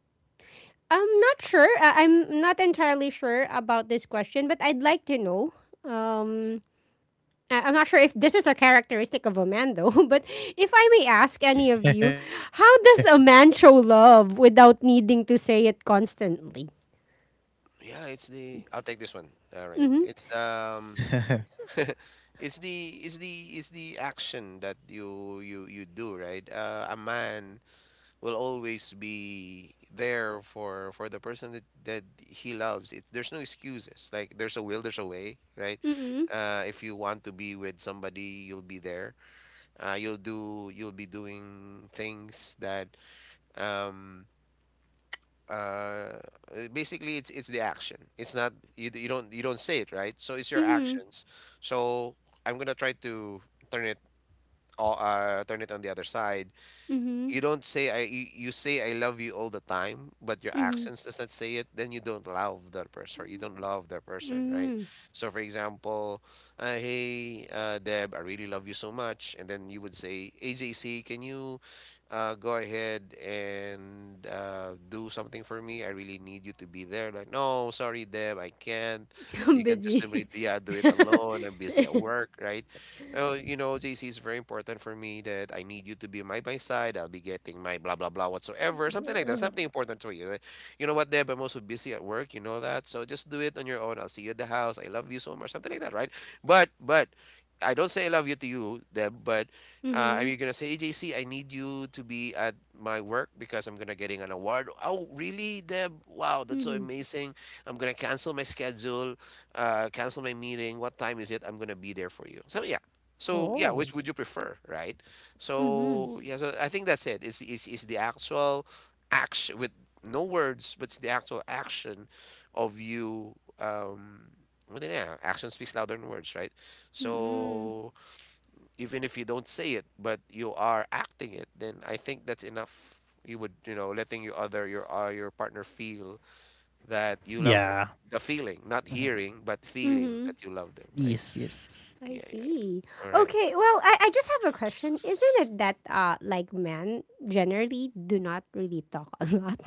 A: I'm not sure. I'm not entirely sure about this question, but I'd like to know. Um, I'm not sure if this is a characteristic of a man, though. But if I may ask any of you, how does a man show love without needing to say it constantly?
C: Yeah, it's the— I'll take this one, Rain.
A: Mm-hmm.
C: It's it's the action that you do, right? A man will always be there for the person that he loves. It there's no excuses. Like, there's a will, there's a way, right?
A: Mm-hmm.
C: If you want to be with somebody, you'll be there. You'll be doing things that um uh basically, it's the action. It's not— you, you don't say it, right? So it's your
A: Mm-hmm.
C: actions. So I'm gonna try to turn it all. Turn it on the other side.
A: Mm-hmm.
C: You don't say— I— you say I love you all the time, but your
A: Mm-hmm.
C: actions does not say it, then you don't love that person. You don't love that person, right?
A: Mm-hmm.
C: So for example, hey, Deb, I really love you so much, and then you would say, AJC, can you go ahead and do something for me? I really need you to be there. Like, no, sorry, Deb, I can't.
A: I'm
C: You can just simply—
A: busy.
C: yeah, do it alone. I'm busy at work, right? Oh, you know, JC is very important for me that I need you to be my by side. I'll be getting my blah blah blah whatsoever, something like that.
A: Mm-hmm.
C: Something important for you. Like, you know what, Deb? I'm also busy at work. You know that, so just do it on your own. I'll see you at the house. I love you so much. Something like that, right? But I don't say I love you to you, Deb. But are
A: Mm-hmm.
C: you gonna say, hey, JC, I need you to be at my work because I'm gonna getting an award? Oh, really, Deb? Wow, that's so amazing. I'm gonna cancel my schedule, cancel my meeting. What time is it? I'm gonna be there for you. So yeah, which
A: Oh.
C: would you prefer, right?
A: Mhm.
C: So yeah, so I think that's it. It's is the actual action with no words, but it's the actual action of you. Well, then, yeah, action speaks louder than words, right?
A: Mhm.
C: So even if you don't say it, but you are acting it, then I think that's enough. You would, you know, letting your other— your partner feel that you love them. The
B: yeah.
C: feeling, not hearing, but
B: Mhm.
C: feeling
A: Mhm.
C: that you love them, right?
B: Yes,
A: I
C: Yeah,
B: yes.
C: yeah.
A: see.
C: All right.
A: Okay, well, I just have a question. Isn't it that like men generally do not really talk a lot?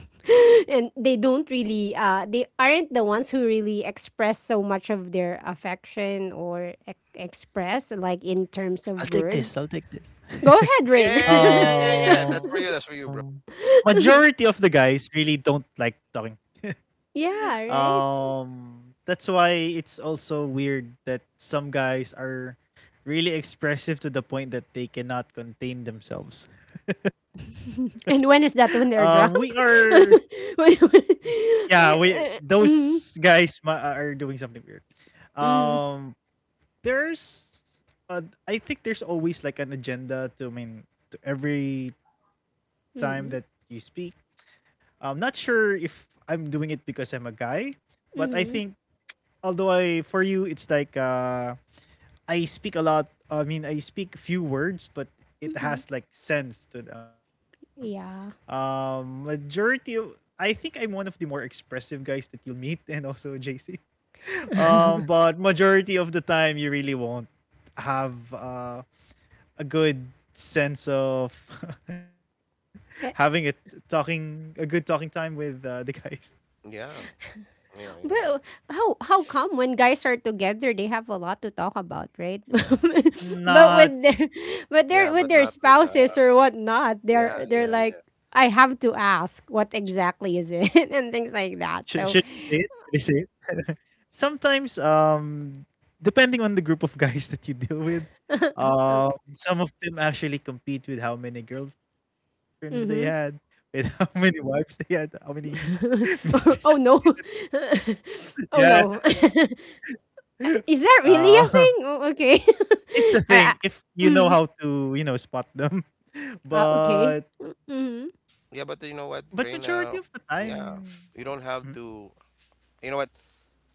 A: And they don't really they aren't the ones who really express so much of their affection or express like in terms of words.
B: I'll take this. I'll
A: Go
B: take this.
A: ahead,
C: Yeah,
A: Rain.
C: yeah, yeah, yeah, yeah, yeah. That's for you. That's for you, bro.
B: um, majority of the guys really don't like talking.
A: Yeah, right?
B: That's why it's also weird that some guys are really expressive to the point that they cannot contain themselves.
A: And when is that,
B: We
A: when they're drunk?
B: are,
A: When- when-
B: yeah, we those
A: mhm,
B: guys are doing something weird.
A: mhm,
B: Um, there's, I think there's always like an agenda to I mean to every time that you speak.
A: mhm.
B: Not sure if I'm doing it because I'm a guy, but I think,
A: Mhm,
B: although I for you it's like, I speak a lot, I mean, I speak few words, but it
A: mhm,
B: has like sense to them.
A: yeah.
B: Majority of I think I'm one of the more expressive guys that you'll meet and also JC. But majority of the time you really won't have a good sense of having a
A: Eh,
B: talking a good talking time with the guys.
C: Yeah, yeah, yeah, yeah.
A: well, how come when guys are together they have a lot to talk about, right? But
B: Not.
A: with their, but their
C: Yeah,
A: with
C: but
A: their
C: not with
A: spouses or whatnot,
C: yeah,
A: they're
C: yeah,
A: like,
C: yeah,
A: I have to ask what exactly is it, and things like
B: Should I
A: that.
B: say
A: So
B: it? Should I say it? Sometimes depending on the group of guys that you deal with,
A: okay.
B: some of them actually compete with how many girlfriends they had, with
A: Mm-hmm.
B: how many wives they had, how many mistresses.
A: Oh no. Oh
B: Yes.
A: no. Is that really a
B: uh
A: thing? Oh, okay.
B: it's a
A: uh, uh,
B: thing if you
A: mm,
B: know how to, spot them.
A: okay.
B: but
A: Mm-hmm.
C: yeah. But you
B: but
C: know what,
B: majority of
C: Rain?
B: the time.
C: Yeah, you don't
B: Mhm.
C: have to. You know what?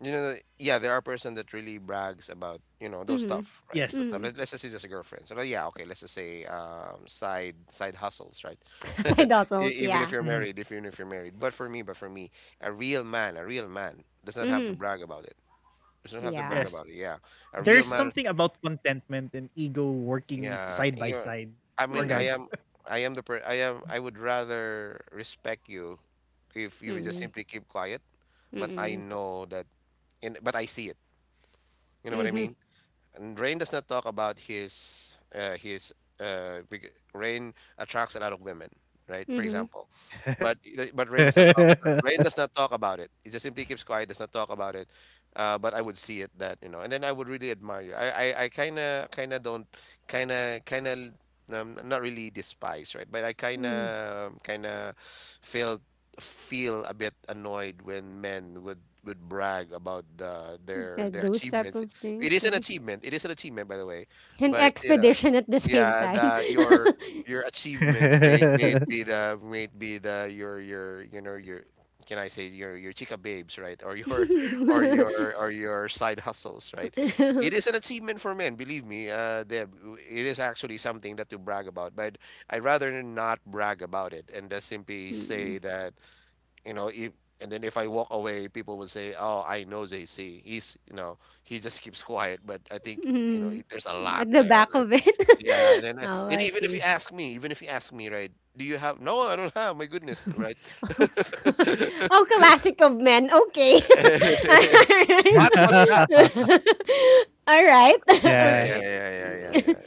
C: You know, the- yeah, there are person that really brags about, you know, those
A: Mm-hmm.
C: stuff, right? Those
B: Yes.
C: stuff.
A: Mm-hmm.
C: Let, let's just say just a girlfriend. So like, yeah, okay. Let's just say, um, side hustles, right?
A: Side hustles,
C: E- Even if
A: yeah.
C: you're
B: Mhm.
C: married, if even if you're married. But for me, a real man does not have to
A: Mhm.
C: brag about it. Does not have to brag
A: Yeah.
C: about it. Yeah,
B: Yes,
C: a real man—
B: there's something about contentment and ego
C: yeah, you
B: working
C: know,
B: it side
C: I
B: by
C: mean, I
B: side
A: Mm-mm.
C: am,
B: for
C: I am
B: guys.
C: the per-, I am, I would rather respect you if you would just
A: Mm-mm.
C: simply keep quiet, but I
A: Mm-mm.
C: know that, and but I see it. You know what I
A: Mhm.
C: mean? And Rain does not talk about his big— Rain attracts a lot of women, right? For
A: Mhm.
C: example, but the— but Rain does not talk. Rain does not talk about it. He just simply keeps quiet. Does not talk about it. But I would see it that, you know, and then I would really admire you. I kind of— kind of don't— kind of not really despise, right? But I kind
A: Mhm.
C: of kind of feel— feel a bit annoyed when men would brag about the, their
A: Those type
C: achievements.
A: of
C: It
A: things,
C: is an
A: right?
C: achievement. It is an achievement, by the way.
A: And
C: But you know,
A: expedition at the same
C: yeah,
A: time.
C: the— your— your achievements, may it be the— your— your, you know, your— can I say your— your chica babes, right? Or your or your side hustles, right? It is an achievement for men, believe me. Deb, it is actually something that to brag about, but I'd rather not brag about it and just simply say that, you know, if— and then if I walk away, people will say, "Oh, I know JC. He's, you know, he just keeps quiet." But I think you know
A: Mhm.
C: it, there's a lot
A: At the
C: there,
A: back
C: right?
A: of
C: Yeah, and
A: it.
C: then I,
A: Oh,
C: and
A: I
C: even if you
A: see.
C: ask me, even if you ask me, right? Do you have? No, I don't have. My goodness, right?
A: Oh, classic of men. Okay. All
C: What? What's that?
A: right. All right.
C: Yeah,
B: Yeah,
C: yeah,
A: Okay.
C: yeah, yeah, yeah, yeah,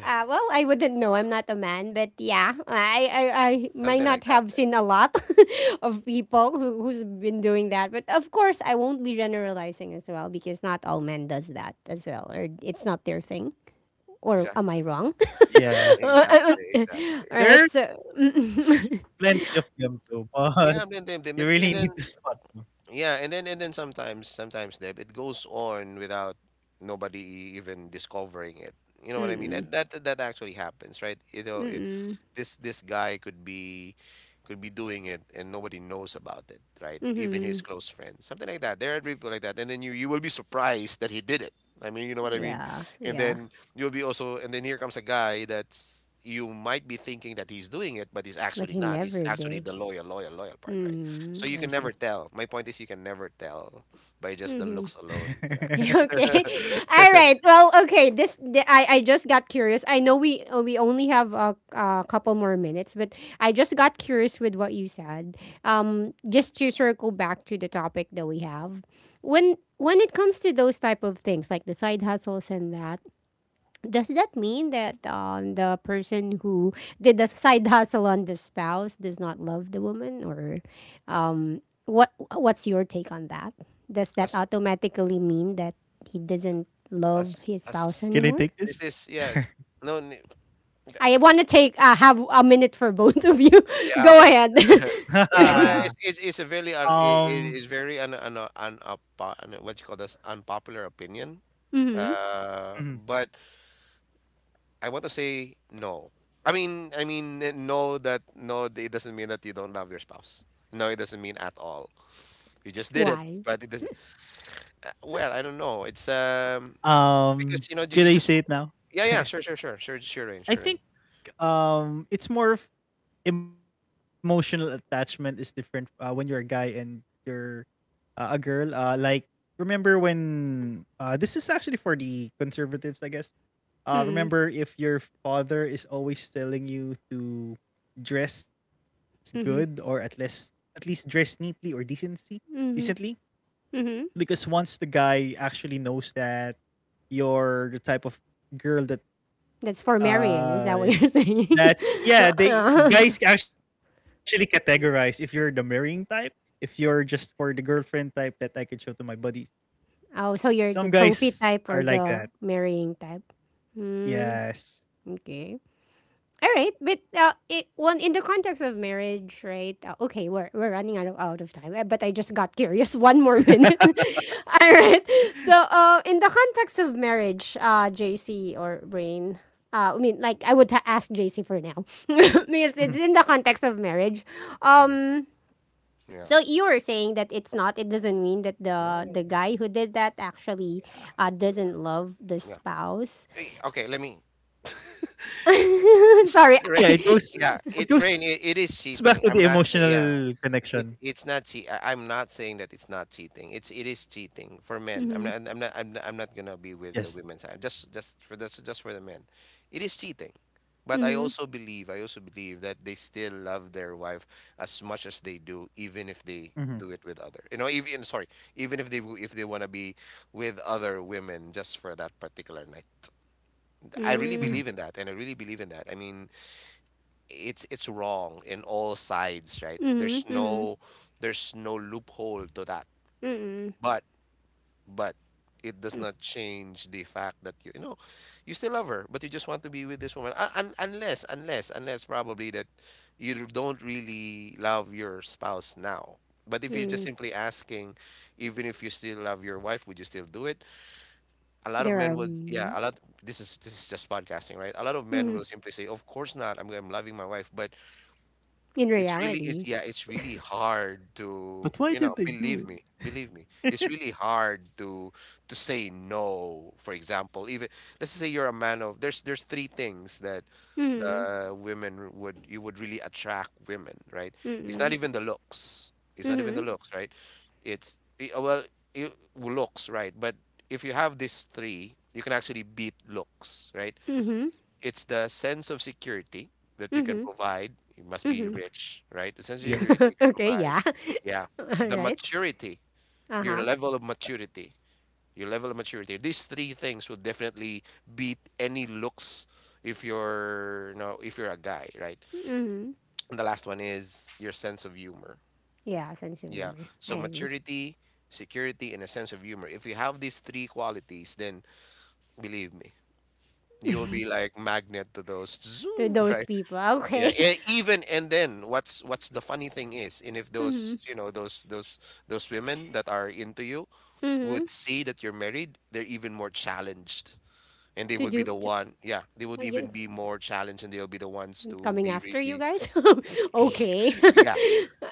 A: Well, I wouldn't know. I'm not a man, but yeah, I
C: yeah,
A: might
C: something
A: not
C: like that.
A: have
C: Yeah.
A: seen a lot of people who, who's been doing that. But of course, I won't be generalizing as well because not all men does that as well, or it's not their thing. Or am I
C: Exactly.
A: wrong?
C: Exactly.
B: yeah.
A: All
C: Exactly. Exactly.
A: right.
C: Exactly.
A: So.
B: There's
A: Mm-mm.
B: plenty of them though, but
C: Yeah, I mean,
B: you
C: them, them,
B: really need
C: and
B: to
C: then
B: spot them.
C: yeah, and then sometimes, Deb, it goes on without— nobody e-, even discovering it. You know what I mean? That actually happens, right? You know it.
A: Mm-mm.
C: This guy could be— could be doing it and nobody knows about it, right? Even his
A: Mhm.
C: close friends, something like that. There are people like that, and then you— you will be surprised that he did it. I mean, you know what I mean?
A: Yeah,
C: And
A: yeah.
C: then you'll be also— and then here comes a guy that's— you might be thinking that he's doing it, but he's
A: But
C: actually
A: he
C: not. He's
A: never
C: actually
A: did.
C: the loyal part, right?
A: Mhm.
C: So you
A: I
C: can
A: see.
C: never tell. My point is, you can never tell by just the
A: Mhm.
C: looks alone. Yeah.
A: Okay. All right. Well, okay. I just got curious. I know we only have a couple more minutes, but I just got curious with what you said. Um, just to circle back to the topic that we have. When it comes to those type of things like the side hustles and that, does that mean that the person who did the side hustle on the spouse does not love the woman, or what what's your take on that, does that
C: As
A: automatically mean that he doesn't love
C: as
A: his spouse
C: as
B: Can
A: anymore?
B: I take
C: this
B: this?
C: is— yeah. No. n-
A: I want to take have a minute for both of you.
C: Yeah.
A: Go
C: Okay.
A: ahead.
C: Yeah, but it's— it's a really un-,
B: um,
C: it is very unpo-, un— what you call this— unpopular opinion.
A: Mm-hmm.
B: mhm.
C: But I want to say no. N- no. That— no, it doesn't mean that you don't love your spouse. No, it doesn't mean at all. You just did it,
A: Why?
C: but it doesn't. Uh, well, I don't know. It's um—
B: um,
C: because you know, you—
B: can
C: you
B: I
C: just—
B: say it now?
C: yeah, yeah, sure, sure, sure, sure, sure, Rain,
B: I
C: sure, Rain.
B: think, it's more of, emotional attachment is different when you're a guy and you're a girl. Like, remember when, this is actually for the conservatives, I guess.
A: Mm-hmm.
B: Remember if your father is always telling you to dress good, or at
A: Mm-hmm.
B: least, at least dress neatly, or decency, decently,
A: Mm-hmm.
B: because
A: Mm-hmm.
B: once the guy actually knows that you're the type of girl that
A: That's for marrying, is
B: uh
A: that what you're saying?
B: that's yeah, they guys actually categorize if you're the marrying type, if you're just for the girlfriend type that I could show to my buddies.
A: Oh, so you're
B: Some
A: the trophy
B: guys
A: type or
B: are like
A: the
B: that.
A: marrying type? Mm,
B: Yes.
A: okay. All right, but one, in the context of marriage, right? Okay, we're running out of time, but I just got curious. One more minute. All right. So, in the context of marriage, JC or Brain, like I would ask JC for now. Because it's in the
B: Mhm.
A: context of marriage.
C: Mm,
A: Um,
C: yeah.
A: so you were saying that it's not. It doesn't mean that the
C: No.
A: guy who did that actually
C: Yeah.
A: doesn't love the
C: Yeah.
A: spouse.
C: Eh, okay, let me. It's
A: Sorry.
C: Rain. Yeah,
B: Yeah, it
C: it— Rain.
B: goes
C: It
B: it
C: is
B: goes back
C: cheating.
B: to the
C: I'm not saying. Yeah,
B: emotional
C: it—
B: connection.
C: it's not cheat. I'm not saying that it's not cheating. It's— it is cheating for men.
A: Mhm.
C: I'm not gonna be with the women's
B: Yes.
C: side. Just for the men. It is cheating. But
A: Mhm.
C: I also believe that they still love their wife as much as they do, even if they
B: Mhm.
C: do it with other. You know, even— sorry, even if they w- if they want to be with other women just for that particular night.
A: Mm.
C: I
B: Mhm.
C: really believe in that. I mean, it's— it's wrong in all sides, right?
A: Mhm.
C: There's
A: Mhm.
C: no— there's no loophole to that.
A: Mm.
C: But— but it does not change the fact that you know, you still love her, but you just want to be with this woman. Un— unless probably that you don't really love your spouse now. But if you're just
A: Mm.
C: simply asking, even if you still love your wife, would you still do it? A lot of
A: There
C: men
A: are
C: would, yeah,
A: mm.
C: a lot. This is just podcasting, right? A lot of men
A: Mhm.
C: will simply say, "Of course not. I'm loving my wife," but
A: In
C: it's really— it's—
A: reality.
C: yeah, it's really hard to, you know, believe
B: But
C: me,
B: why did they do it?
C: it's really hard to say no. For example, even— let's say you're a man of— there's three things that
A: Mhm.
C: the women would— you would really attract women, right?
A: Mhm.
C: It's not even the
A: Mhm.
C: looks, right? It's I- it, looks right, but if you have these three, you can actually beat looks, right?
A: Mhm.
C: It's the sense of security that you can
A: Mhm.
C: provide. You must be
A: Mhm.
C: rich, right? The sense of
B: Appeal.
C: security you can
A: Okay,
C: provide.
A: yeah.
C: Yeah. The
A: Alright.
C: maturity, your
A: Uh-huh.
C: level of maturity, your level of maturity. These three things will definitely beat any looks if you're, you know, if you're a guy, right?
A: Mhm.
C: And the last one is your sense of humor.
A: Yeah, sense of
C: Yeah.
A: humor.
C: So
A: I agree.
C: maturity, security, and a sense of humor. If you have these three qualities, then believe me, you'll be like magnet to those
A: To
C: zoo,
A: those
C: right?
A: people.
C: Yeah,
A: Okay.
C: e- even— and then what's— what's the funny thing is, and if
A: Mhm.
C: those, you know, those women that are into you
A: Mhm.
C: would see that you're married, they're even more challenged, and they
A: To
C: would be
A: do,
C: the
A: to
C: one. Yeah, they would even be more challenged, and they'll be the ones to
A: coming
C: be
A: after you
C: really.
A: guys. Okay.
C: Yeah,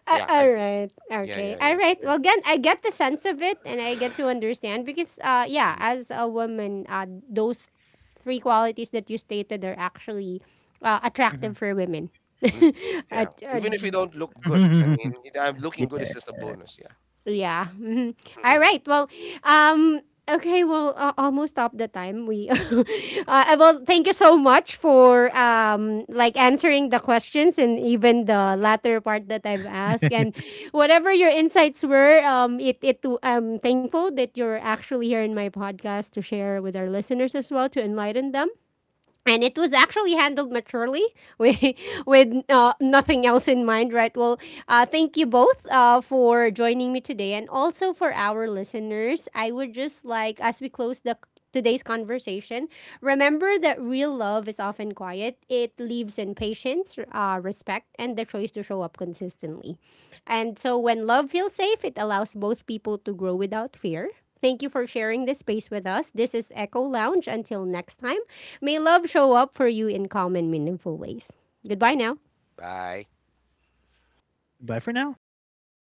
C: yeah, I,
A: All right.
C: yeah,
A: Okay.
C: yeah,
A: All
C: yeah,
A: right.
C: yeah.
A: Well, again, I get the sense of it and I get to understand because, yeah,
C: mm,
A: as a woman, those three qualities that you stated are actually attractive for women.
B: Mhm.
C: mm, yeah,
A: At,
C: even if you don't look good, I mean, I'm— looking good
B: yeah.
C: is just a bonus. Yeah.
A: yeah. Mhm. All right. Well, um, okay. Well, almost up the time. We, well, thank you so much for like answering the questions and even the latter part that I've asked and whatever your insights were. It it to I'm thankful that you're actually here in my podcast to share with our listeners as well, to enlighten them. And it was actually handled maturely with, with nothing else in mind, right? Well, thank you both for joining me today, and also for our listeners I would just like, as we close the today's conversation, remember that real love is often quiet. It lives in patience, respect, and the choice to show up consistently. And so when love feels safe, it allows both people to grow without fear. Thank you for sharing this space with us. This is Echo Lounge. Until next time, may love show up for you in calm and meaningful ways. Goodbye now.
C: Bye.
B: Bye for now. Thanks for having us.